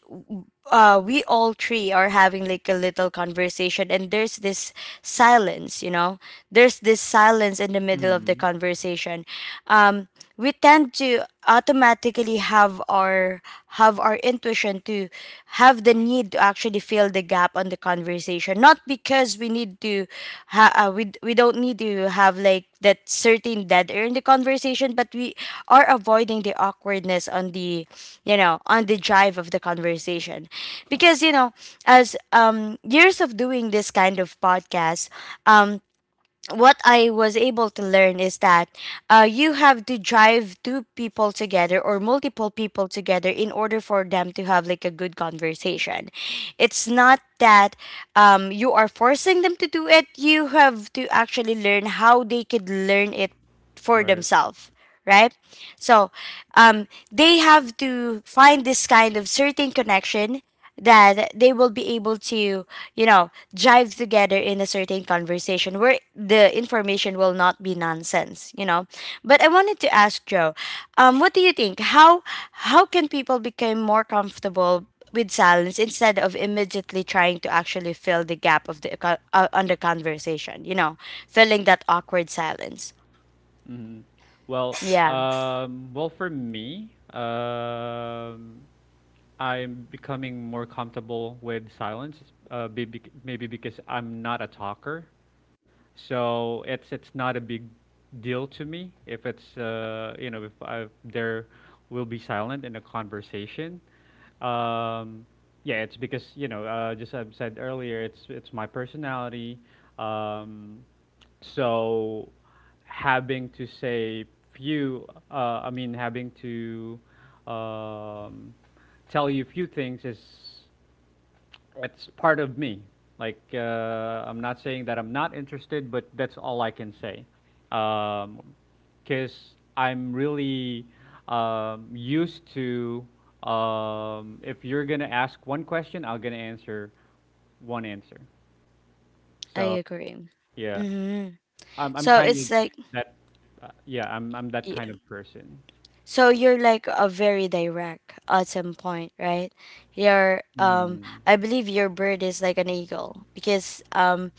S1: uh, we all three are having like a little conversation and there's this silence, you know, there's this silence in the middle of the
S3: Mm,
S1: conversation. um we tend to automatically have our have our intuition to have the need to actually fill the gap on the conversation conversation not because we need to ha- uh, we, we don't need to have like that certain dead air in the conversation, but we are avoiding the awkwardness on the, you know, on the drive of the conversation. Because you know, as um years of doing this kind of podcast, um what I was able to learn is that uh, you have to drive two people together or multiple people together in order for them to have like a good conversation. It's not that um, you are forcing them to do it. You have to actually learn how they could learn it for
S3: right.
S1: themselves, right? So um, they have to find this kind of certain connection that they will be able to, you know, jive together in a certain conversation where the information will not be nonsense, you know. But I wanted to ask Joe, um, what do you think? How how can people become more comfortable with silence instead of immediately trying to actually fill the gap of the co- uh, on the conversation, you know, filling that awkward silence?
S3: Mhm. Well,
S1: Yeah,
S3: um, well, for me, um, I'm becoming more comfortable with silence, uh, be- bec- maybe because I'm not a talker. So it's it's not a big deal to me if it's, uh, you know if I, there will be silent in a conversation. Um, yeah, it's because, you know uh, just I said earlier, it's it's my personality. Um, so having to say few, uh, I mean having to um, tell you few things is it's part of me. Like, uh, I'm not saying that I'm not interested, but that's all I can say. Um, because I'm really um, used to. Um, if you're gonna ask one question, I'm gonna answer one answer.
S1: I
S3: So
S1: agree.
S3: yeah,
S1: Hmm.
S3: I'm I'm
S1: So
S3: kind of
S1: it's like,
S3: that. Uh, yeah, I'm I'm that
S1: y-
S3: kind of person.
S1: so you're like a very direct at some point, right? You're, um,
S3: Mm,
S1: I believe your bird is like an eagle because, um,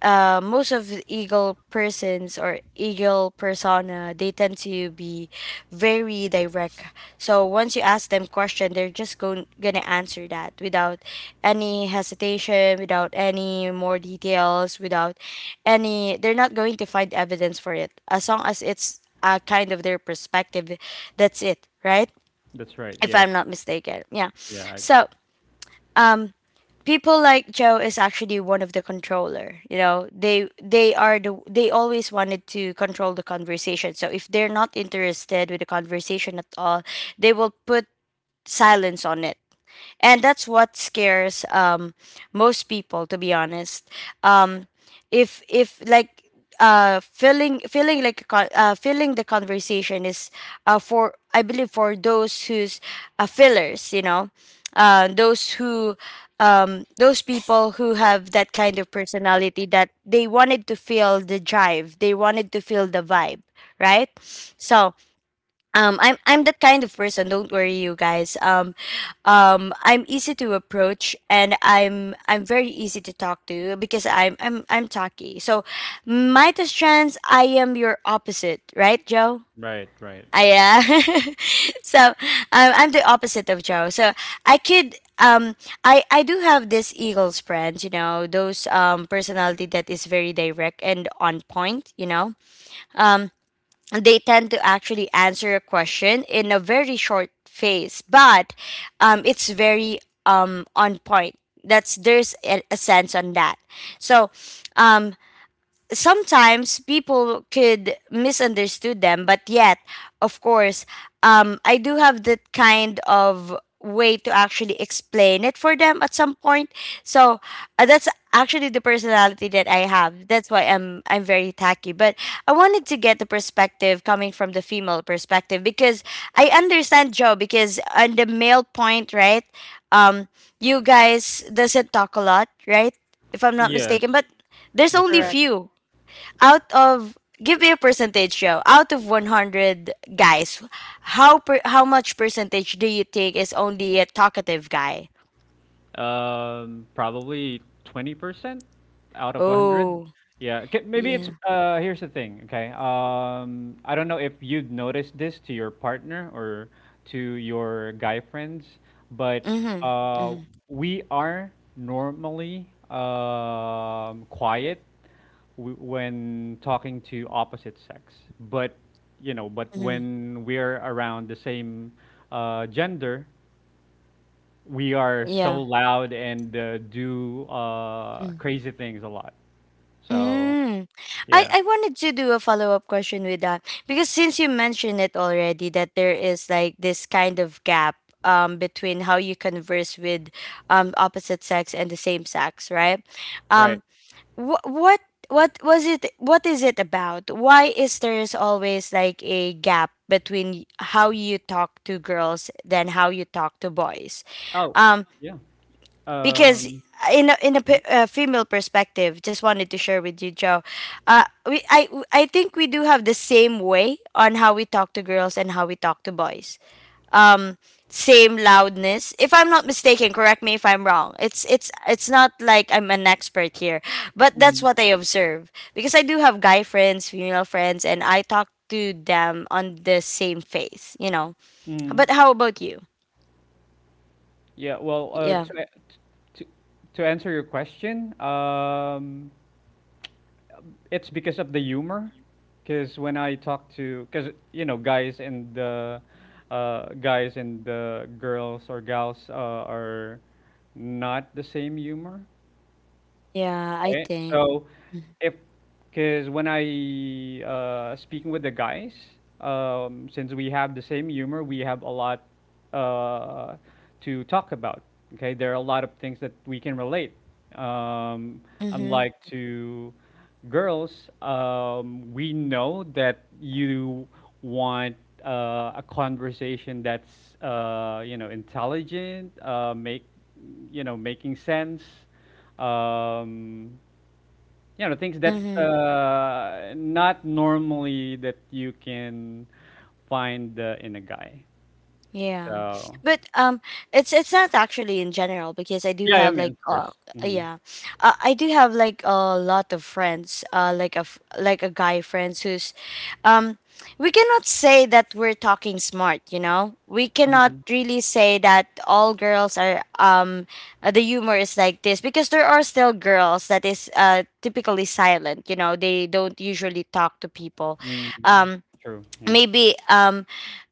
S1: uh, most of the eagle persons or eagle persona, they tend to be very direct. So once you ask them question, they're just going gonna answer that without any hesitation, without any more details, without any, they're not going to find evidence for it as long as it's uh, kind of their perspective. That's it, right?
S3: that's right.
S1: If
S3: Yes.
S1: I'm not mistaken, yeah.
S3: Yeah. I,
S1: So people like Joe is actually one of the controller. You know, they they are the, they always wanted to control the conversation. So if they're not interested with the conversation at all, they will put silence on it, and that's what scares um most people, to be honest. um if if like uh feeling feeling like a con- uh feeling the conversation is uh for, I believe for those who's uh fillers, you know, uh those who um those people who have that kind of personality that they wanted to feel the drive, they wanted to feel the vibe, right? So um i'm i'm that kind of person, don't worry you guys. um um I'm easy to approach and i'm i'm very easy to talk to because i'm i'm i'm talky. So my chance, I am your opposite, right, Joe?
S3: right. Right.
S1: I, yeah. [laughs] So um, I'm the opposite of Joe. So I could um, i i do have this eagles friends, you know those um personality that is very direct and on point, you know. Um, they tend to actually answer a question in a very short phase, but um, it's very um, on point. That's, there's a, a sense on that. So, um, sometimes people could misunderstood them, but yet of course um, I do have that kind of way to actually explain it for them at some point. So uh, that's actually the personality that I have, that's why i'm i'm very tacky. But I wanted to get the perspective coming from the female perspective because I understand Joe because on the male point, right? um you guys doesn't talk a lot, right? If I'm not
S3: Yes.
S1: mistaken, but there's
S3: That's
S1: only
S3: right.
S2: Correct.
S1: few out of, give me a percentage, Joe, out of a hundred guys, how per, how much percentage do you think is only a talkative guy?
S3: Um, probably twenty percent out of one hundred.
S1: Oh,
S3: Yeah, k- maybe it's
S1: yeah.
S3: uh here's the thing, okay? Um, I don't know if you'd noticed this to your partner or to your guy friends, but
S1: mm-hmm
S3: uh
S1: mm-hmm,
S3: we are normally um quiet w- when talking to opposite sex. But, you know, but
S1: mm-hmm.
S3: when we're around the same uh gender, we are so
S1: Yeah.
S3: loud and uh, do uh,
S1: Mm.
S3: crazy things a lot. So
S1: Mm. I,
S3: yeah,
S1: I wanted to do a follow up question with that because since you mentioned it already that there is like this kind of gap um between how you converse with um opposite sex and the same sex, right?
S3: right.
S1: Um, what what what was it, what is it about, why is there's always like a gap between y- how you talk to girls than how you talk to boys?
S3: Oh
S1: Um,
S3: yeah.
S1: because
S3: Um.
S1: in a, in a, pe- uh female perspective, just wanted to share with you, Joe, uh we, i i think we do have the same way on how we talk to girls and how we talk to boys. Um, same loudness, if I'm not mistaken, correct me if I'm wrong, it's it's it's not like I'm an expert here, but that's
S3: Hmm.
S1: what I observe because I do have guy friends, female friends, and I talk to them on the same face, you know. But
S3: Hmm.
S1: how about you?
S3: Yeah. Well, uh,
S1: Yeah.
S3: to, a- to to answer your question, um, it's because of the humor. Because when I talk to, because, you know, guys and the uh, guys and the girls or gals uh, are not the same humor.
S1: Yeah, I
S3: Right?
S1: think.
S3: So, if because when I, uh speaking with the guys, um, since we have the same humor, we have a lot, uh, to talk about, okay? There are a lot of things that we can relate. Um,
S1: Mm-hmm
S3: Unlike to girls, um, we know that you want, uh, a conversation that's, uh, you know, intelligent, uh, make, you know, making sense, um, you know, things that,
S1: mm-hmm
S3: uh, not normally that you can find uh, in a guy.
S1: Yeah.
S3: So
S1: But um, it's it's not actually in general because I do
S3: yeah, I
S1: have
S3: mean,
S1: like
S3: of
S1: uh,
S3: course. Hmm.
S1: yeah. Uh, I do have like a lot of friends uh like a f- like a guy friends who's um, we cannot say that we're talking smart, you know? We cannot
S3: Hmm.
S1: really say that all girls are um, uh, the humor is like this because there are still girls that is uh typically silent, you know? They don't usually talk to people.
S3: Mm.
S1: Um
S3: True. Yeah.
S1: maybe um,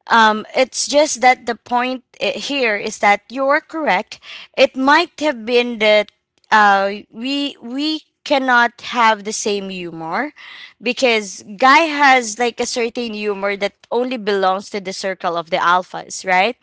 S1: um it's just that the point i- here is that you're correct. It might have been that uh we we cannot have the same humor because guy has like a certain humor that only belongs to the circle of the alphas, right?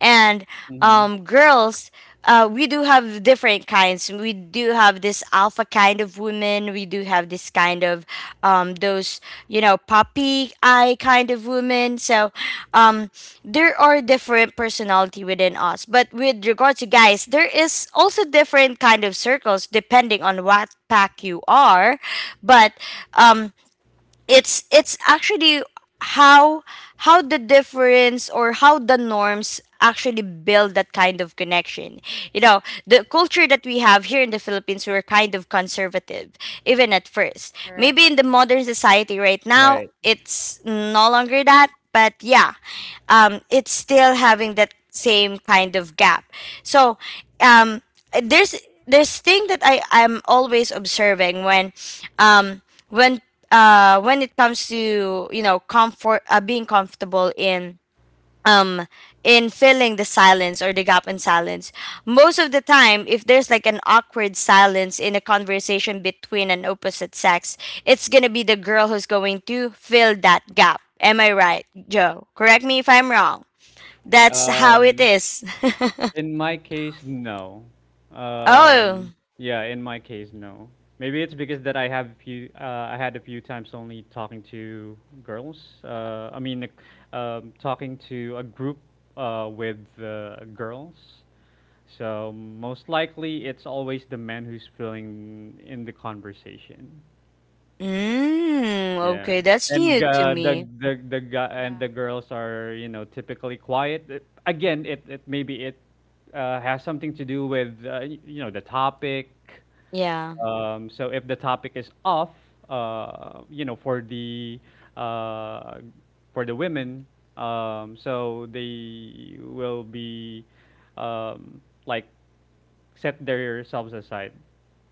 S1: And
S3: Hmm.
S1: um, girls, uh, we do have different kinds. We do have this alpha kind of of women. We do have this kind of um, those, you know, puppy eye kind of women. So um, there are different personality within us. But with regards to guys, there is also different kind of circles depending on what pack you are. But um, it's it's actually how how the difference or how the norms actually build that kind of connection. You know the culture that we have here in the Philippines, we're kind of conservative, even at first,
S2: Correct.
S1: maybe in the modern society right now
S3: Right.
S1: it's no longer that, but yeah, um, it's still having that same kind of gap. So um, uh, there's this thing that I am always observing when um when uh when it comes to, you know, comfort, uh, being comfortable in um in filling the silence or the gap in silence. Most of the time if there's like an awkward silence in a conversation between an opposite sex, it's gonna be the girl who's going to fill that gap. Am I right, Joe? Correct me if I'm wrong, that's how it
S3: Um.
S1: is.
S3: In my case, no.
S1: [laughs] Oh.
S3: Um, yeah, in my case, no. Maybe it's because that I have a few, uh, I had a few times only talking to girls. Uh, I mean, like, um, Talking to a group uh, with uh, girls. So most likely, it's always the man who's filling in the conversation.
S1: Mm,
S3: Yeah.
S1: okay, that's
S3: And
S1: new to
S3: uh, the
S1: me.
S3: the the guy and the
S2: Yeah.
S3: girls are, you know, typically quiet. Uh. Again, it, it maybe it uh, has something to do with uh, y- you know the topic.
S1: Yeah,
S3: Um, so if the topic is off, uh, you know, for the uh, for the women, um, so they will be um, like set themselves aside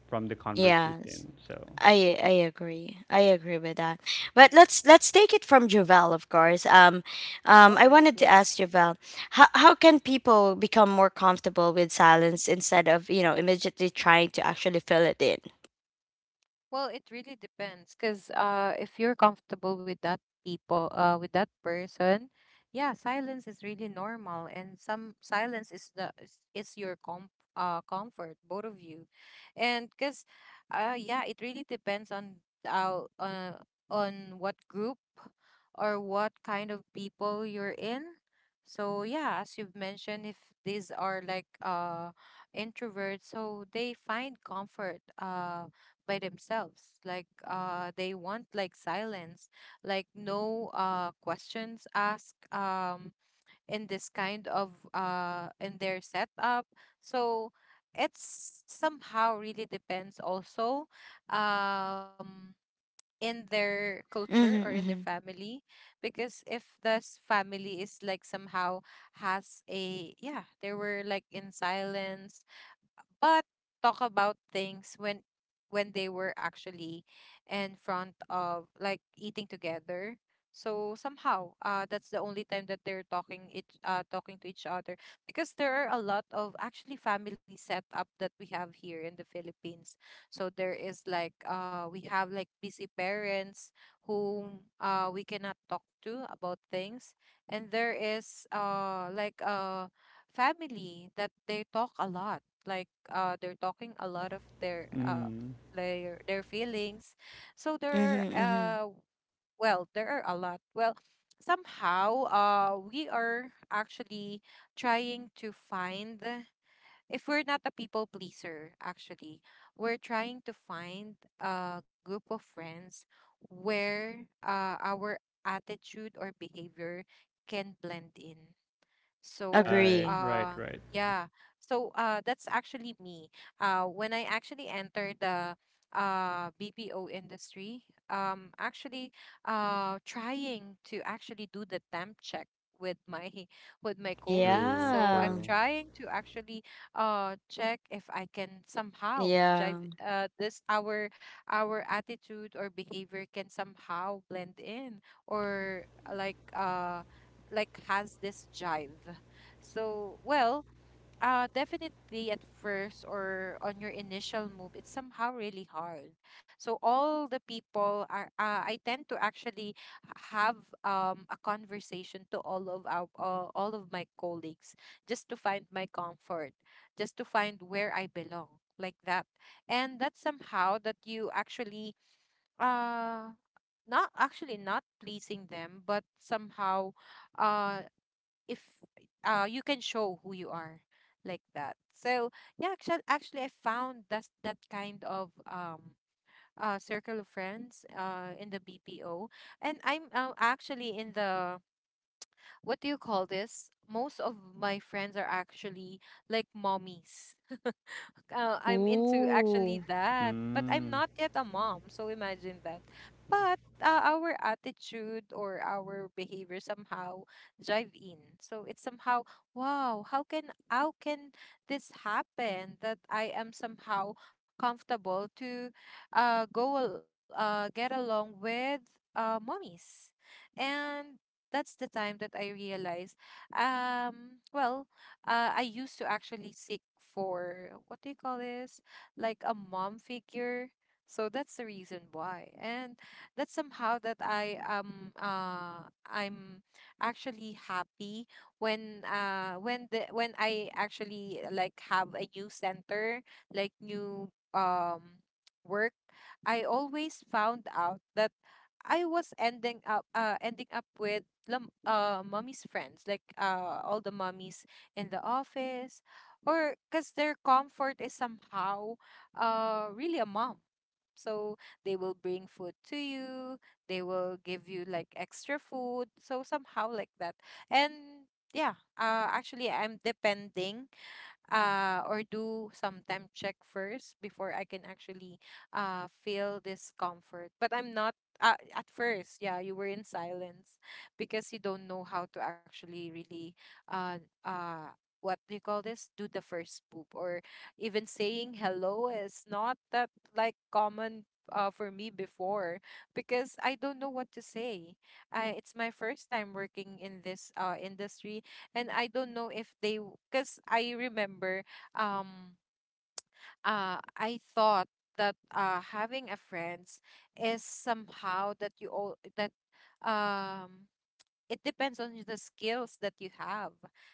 S3: from the
S1: yes.
S3: conversation. So,
S1: I I agree. I agree with that. But let's let's take it from Javel, of course. Um, um, I
S2: Course,
S1: wanted to
S2: yeah.
S1: ask Javel, how how can people become more comfortable with silence instead of, you know, immediately trying to actually fill it in?
S2: Well, it really depends, because uh, if you're comfortable with that people, uh, with that person, yeah, silence is really normal, and some silence is the is, is your com uh, comfort, both of you, and because, uh, yeah, it really depends on how uh, on what group or what kind of people you're in. So yeah, as you've mentioned, if these are like uh introverts, so they find comfort uh by themselves, like uh they want like silence, like no uh questions asked, um in this kind of uh in their setup. So it's somehow really depends also um in their culture or in
S1: Mm-hmm,
S2: their
S1: mm-hmm,
S2: family, because if this family is like somehow, has a, yeah, they were like in silence, but talk about things when when they were actually in front of, like, eating together. So somehow uh that's the only time that they're talking it. Uh talking to each other, because there are a lot of actually family setup that we have here in the Philippines. So there is like, uh we have like busy parents whom uh we cannot talk to about things. And there is, uh like uh family that they talk a lot, like uh they're talking a lot of their, uh
S3: mm,
S2: their their feelings. So there are,
S1: mm-hmm, mm-hmm.
S2: uh well, there are a lot, well somehow, uh we are actually trying to find, if we're not a people pleaser, actually we're trying to find a group of friends where uh our attitude or behavior can blend in. So,
S3: right,
S1: Agree.
S3: right,
S2: uh,
S3: right.
S2: yeah. So, uh, that's actually me. Uh, when I actually entered the uh B P O industry, um, actually, uh, trying to actually do the temp check with my [laughs] with my colleagues.
S3: True,
S2: So
S1: Yeah.
S2: I'm
S3: true.
S2: trying to actually uh check if I can somehow
S1: Yeah.
S2: jive, uh this our, our attitude or behavior can somehow blend in, or uh, like uh like has this jive. So, well, uh definitely at first, or on your initial move, it's somehow really hard. So all the people are, uh, I tend to actually have um a conversation to all of our, uh, all of my colleagues, just to find my comfort, just to find where I belong, like that. And that's somehow that you actually, uh not actually, not pleasing them, but somehow uh if uh you can show who you are, like that. So yeah, actually, actually I found that that kind of, um uh circle of friends uh in the B P O. And I'm, uh, actually in the, what do you call this, most of my friends are actually like mommies. uh, I'm into
S1: Ooh.
S2: actually that. But I'm
S3: Mm,
S2: not yet a mom, so imagine that. But uh, our attitude or our behavior somehow drive in. So it's somehow, wow, how can how can this happen, that I am somehow comfortable to uh go al- uh get along with uh mommies. And that's the time that I realized, um well uh, I used to actually seek for, what do you call this? Like a mom figure. So that's the reason why. And that's somehow that I am uh I'm actually happy when uh when the when I actually like have a new center, like new um work. I always found out that I was ending up uh ending up with lum- uh mommy's friends, like uh all the mummies in the office. Or cuz their comfort is somehow uh really a mom. So they will bring food to you, they will give you like extra food, so somehow like that. And yeah, uh actually I'm depending, uh, or do some temp check first before I can actually uh, feel this comfort. But I'm not, uh, at first. Yeah, you were in silence because you don't know how to actually really, uh, uh, what do you call this? Do the first poop, or even saying hello is not that like common. Uh, for me before, because I don't know what to say. I, it's my first time working in this uh industry, and I don't know if they, because I remember, um uh I thought that uh having a friends is somehow that you all that, um it depends on the skills that you have,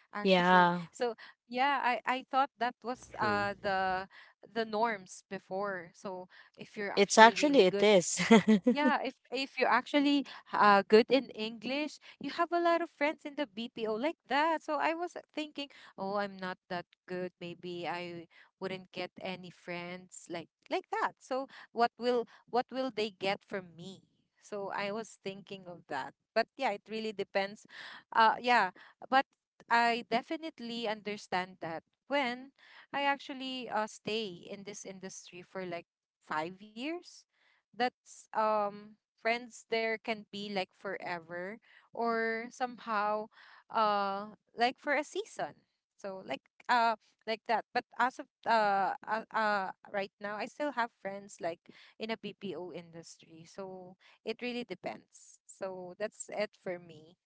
S2: actually.
S1: Yeah.
S2: So yeah, i i thought that was uh
S3: true.
S2: the the norms before. So if you're
S1: It's
S2: actually
S1: actually,
S2: really
S1: it
S2: good,
S1: is.
S2: yeah,
S1: [laughs]
S2: if if you're actually uh good in English, you have a lot of friends in the B P O, like that. So I was thinking, oh, I'm not that good. Maybe I wouldn't get any friends like like that. So what will what will they get from me? So I was thinking of that. But yeah, it really depends. Uh yeah, but I definitely understand that when I actually uh stay in this industry for like five years, that's, um friends there can be like forever, or somehow uh like for a season. So like uh like that. But as of uh, uh uh right now, I still have friends like in a B P O industry. So it really depends. So that's it for me.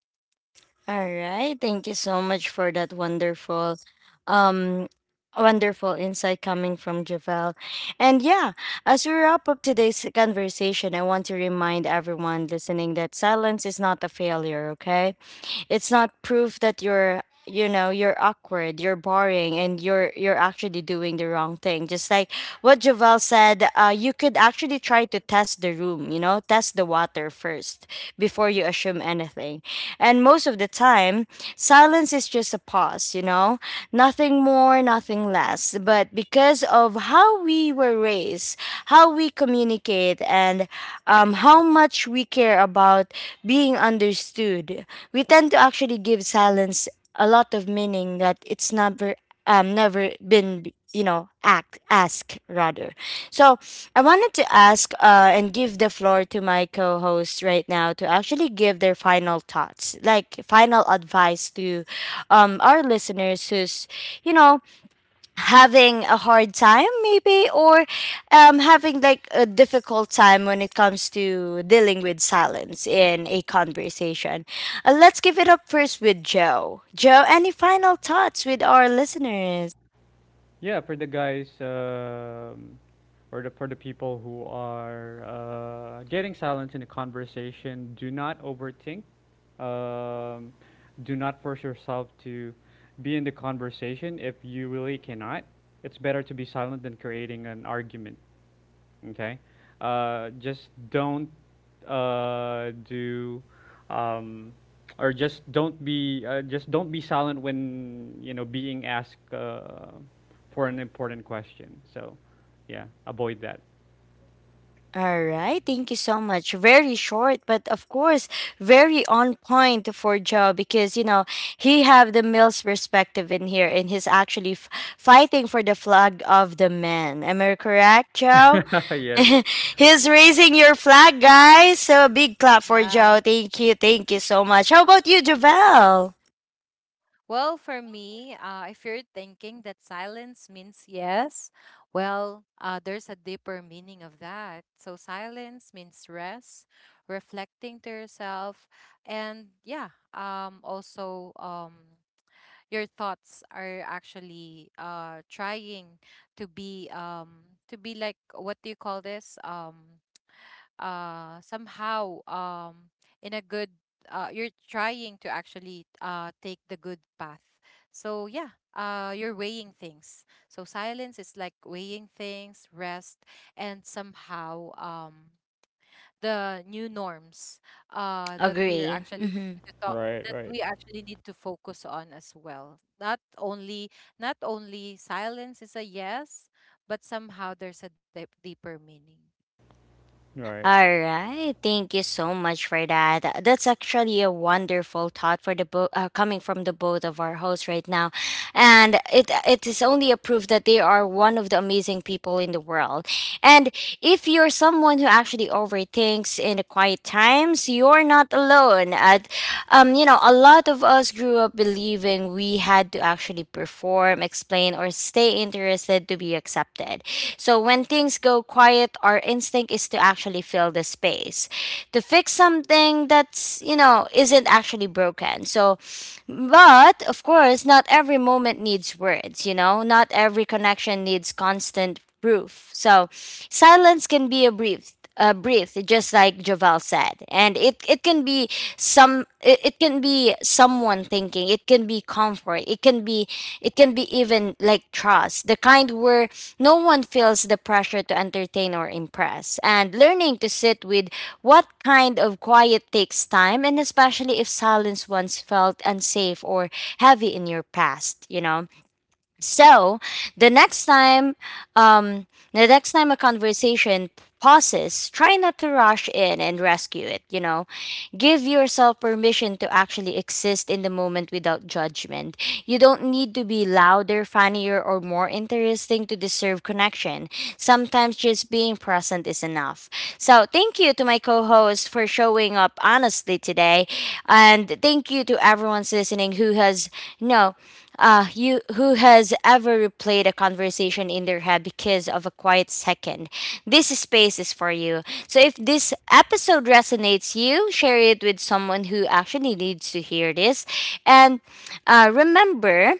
S1: All right. Thank you so much for that wonderful um, wonderful insight coming from Javel. And yeah, as we wrap up today's conversation, I want to remind everyone listening that silence is not a failure, okay? It's not proof that you're, you know, you're awkward, you're boring, and you're you're actually doing the wrong thing. Just like what Jovel said, uh, you could actually try to test the room, you know, test the water first before you assume anything. And most of the time, silence is just a pause, you know, nothing more, nothing less. But because of how we were raised, how we communicate, and um, how much we care about being understood, we tend to actually give silence a lot of meaning that it's never um never been, you know, act, ask rather. So I wanted to ask uh and give the floor to my co-hosts right now to actually give their final thoughts, like final advice to um our listeners who's, you know, having a hard time maybe, or um, having like a difficult time when it comes to dealing with silence in a conversation. Uh, let's give it up first with Joe. Joe, any final thoughts with our listeners?
S3: Yeah, for the guys, um, or the, for the people who are uh, getting silence in a conversation, do not overthink. Um, do not force yourself to be in the conversation if you really cannot. It's better to be silent than creating an argument. Okay. uh, just don't uh, do um, or just don't be, uh, just don't be silent when, you know being asked uh, for an important question, so yeah, avoid that.
S1: All right, thank you so much. Very short, but of course, very on point for Joe, because you know, he have the male's perspective in here, and he's actually f- fighting for the flag of the men. Am I correct, Joe?
S3: [laughs]
S1: [laughs]
S3: Yes.
S1: He's raising your flag, guys. So a big clap for Joe.
S2: Yeah.
S1: Thank you. Thank you so much. How about you, Javel?
S2: Well, for me, uh, if you're thinking that silence means yes, well, uh, there's a deeper meaning of that. So, silence means rest, reflecting to yourself, and yeah, um, also, um, your thoughts are actually uh, trying to be, um, to be like, what do you call this? Um, uh somehow, um in a good, uh you're trying to actually uh take the good path. So yeah, uh you're weighing things. So silence is like weighing things, rest. And somehow, um the new norms uh that we're
S1: Agree.
S2: actually
S1: Mhm.
S2: to talk,
S3: Right,
S2: that
S3: right,
S2: we actually need to focus on as well, not only not only silence is a yes, but somehow there's a deep, deeper meaning.
S3: right.
S1: All right. Thank you so much for that. Uh, That's actually a wonderful thought for the bo- uh, coming from the both of our hosts right now. And it it is only a proof that they are one of the amazing people in the world. And if you're someone who actually overthinks in the quiet times, you're not alone. Uh, um, you know, a lot of us grew up believing we had to actually perform, explain, or stay interested to be accepted. So when things go quiet, our instinct is to actually fill the space, to fix something that's, you know, isn't actually broken. So, but of course, not every moment needs words, you know, not every connection needs constant proof. So silence can be a brief, a brief, just like Javal said, and it it can be some, it, it can be someone thinking, it can be comfort, it can be, it can be even like trust, the kind where no one feels the pressure to entertain or impress. And learning to sit with what kind of quiet takes time, and especially if silence once felt unsafe or heavy in your past, you know. So the next time, um, the next time a conversation pauses, try not to rush in and rescue it. You know, give yourself permission to actually exist in the moment without judgment. You don't need to be louder, funnier, or more interesting to deserve connection. Sometimes just being present is enough. So thank you to my co-host for showing up honestly today, and thank you to everyone's listening who has, you know, uh, you who has ever replayed a conversation in their head because of a quiet second. This space is for you. So if this episode resonates you, share it with someone who actually needs to hear this. And uh, remember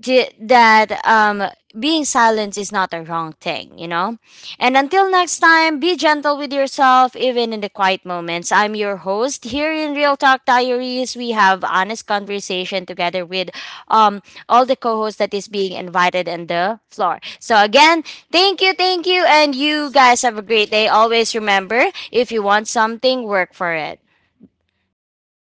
S1: di- that um, being silent is not a wrong thing, you know? And until next time, be gentle with yourself, even in the quiet moments. I'm your host here in Real Talk Diaries. We have honest conversation together with um, all the co hosts that is being invited on the floor. So, again, thank you, thank you. And you guys have a great day. Always remember, if you want something, work for it.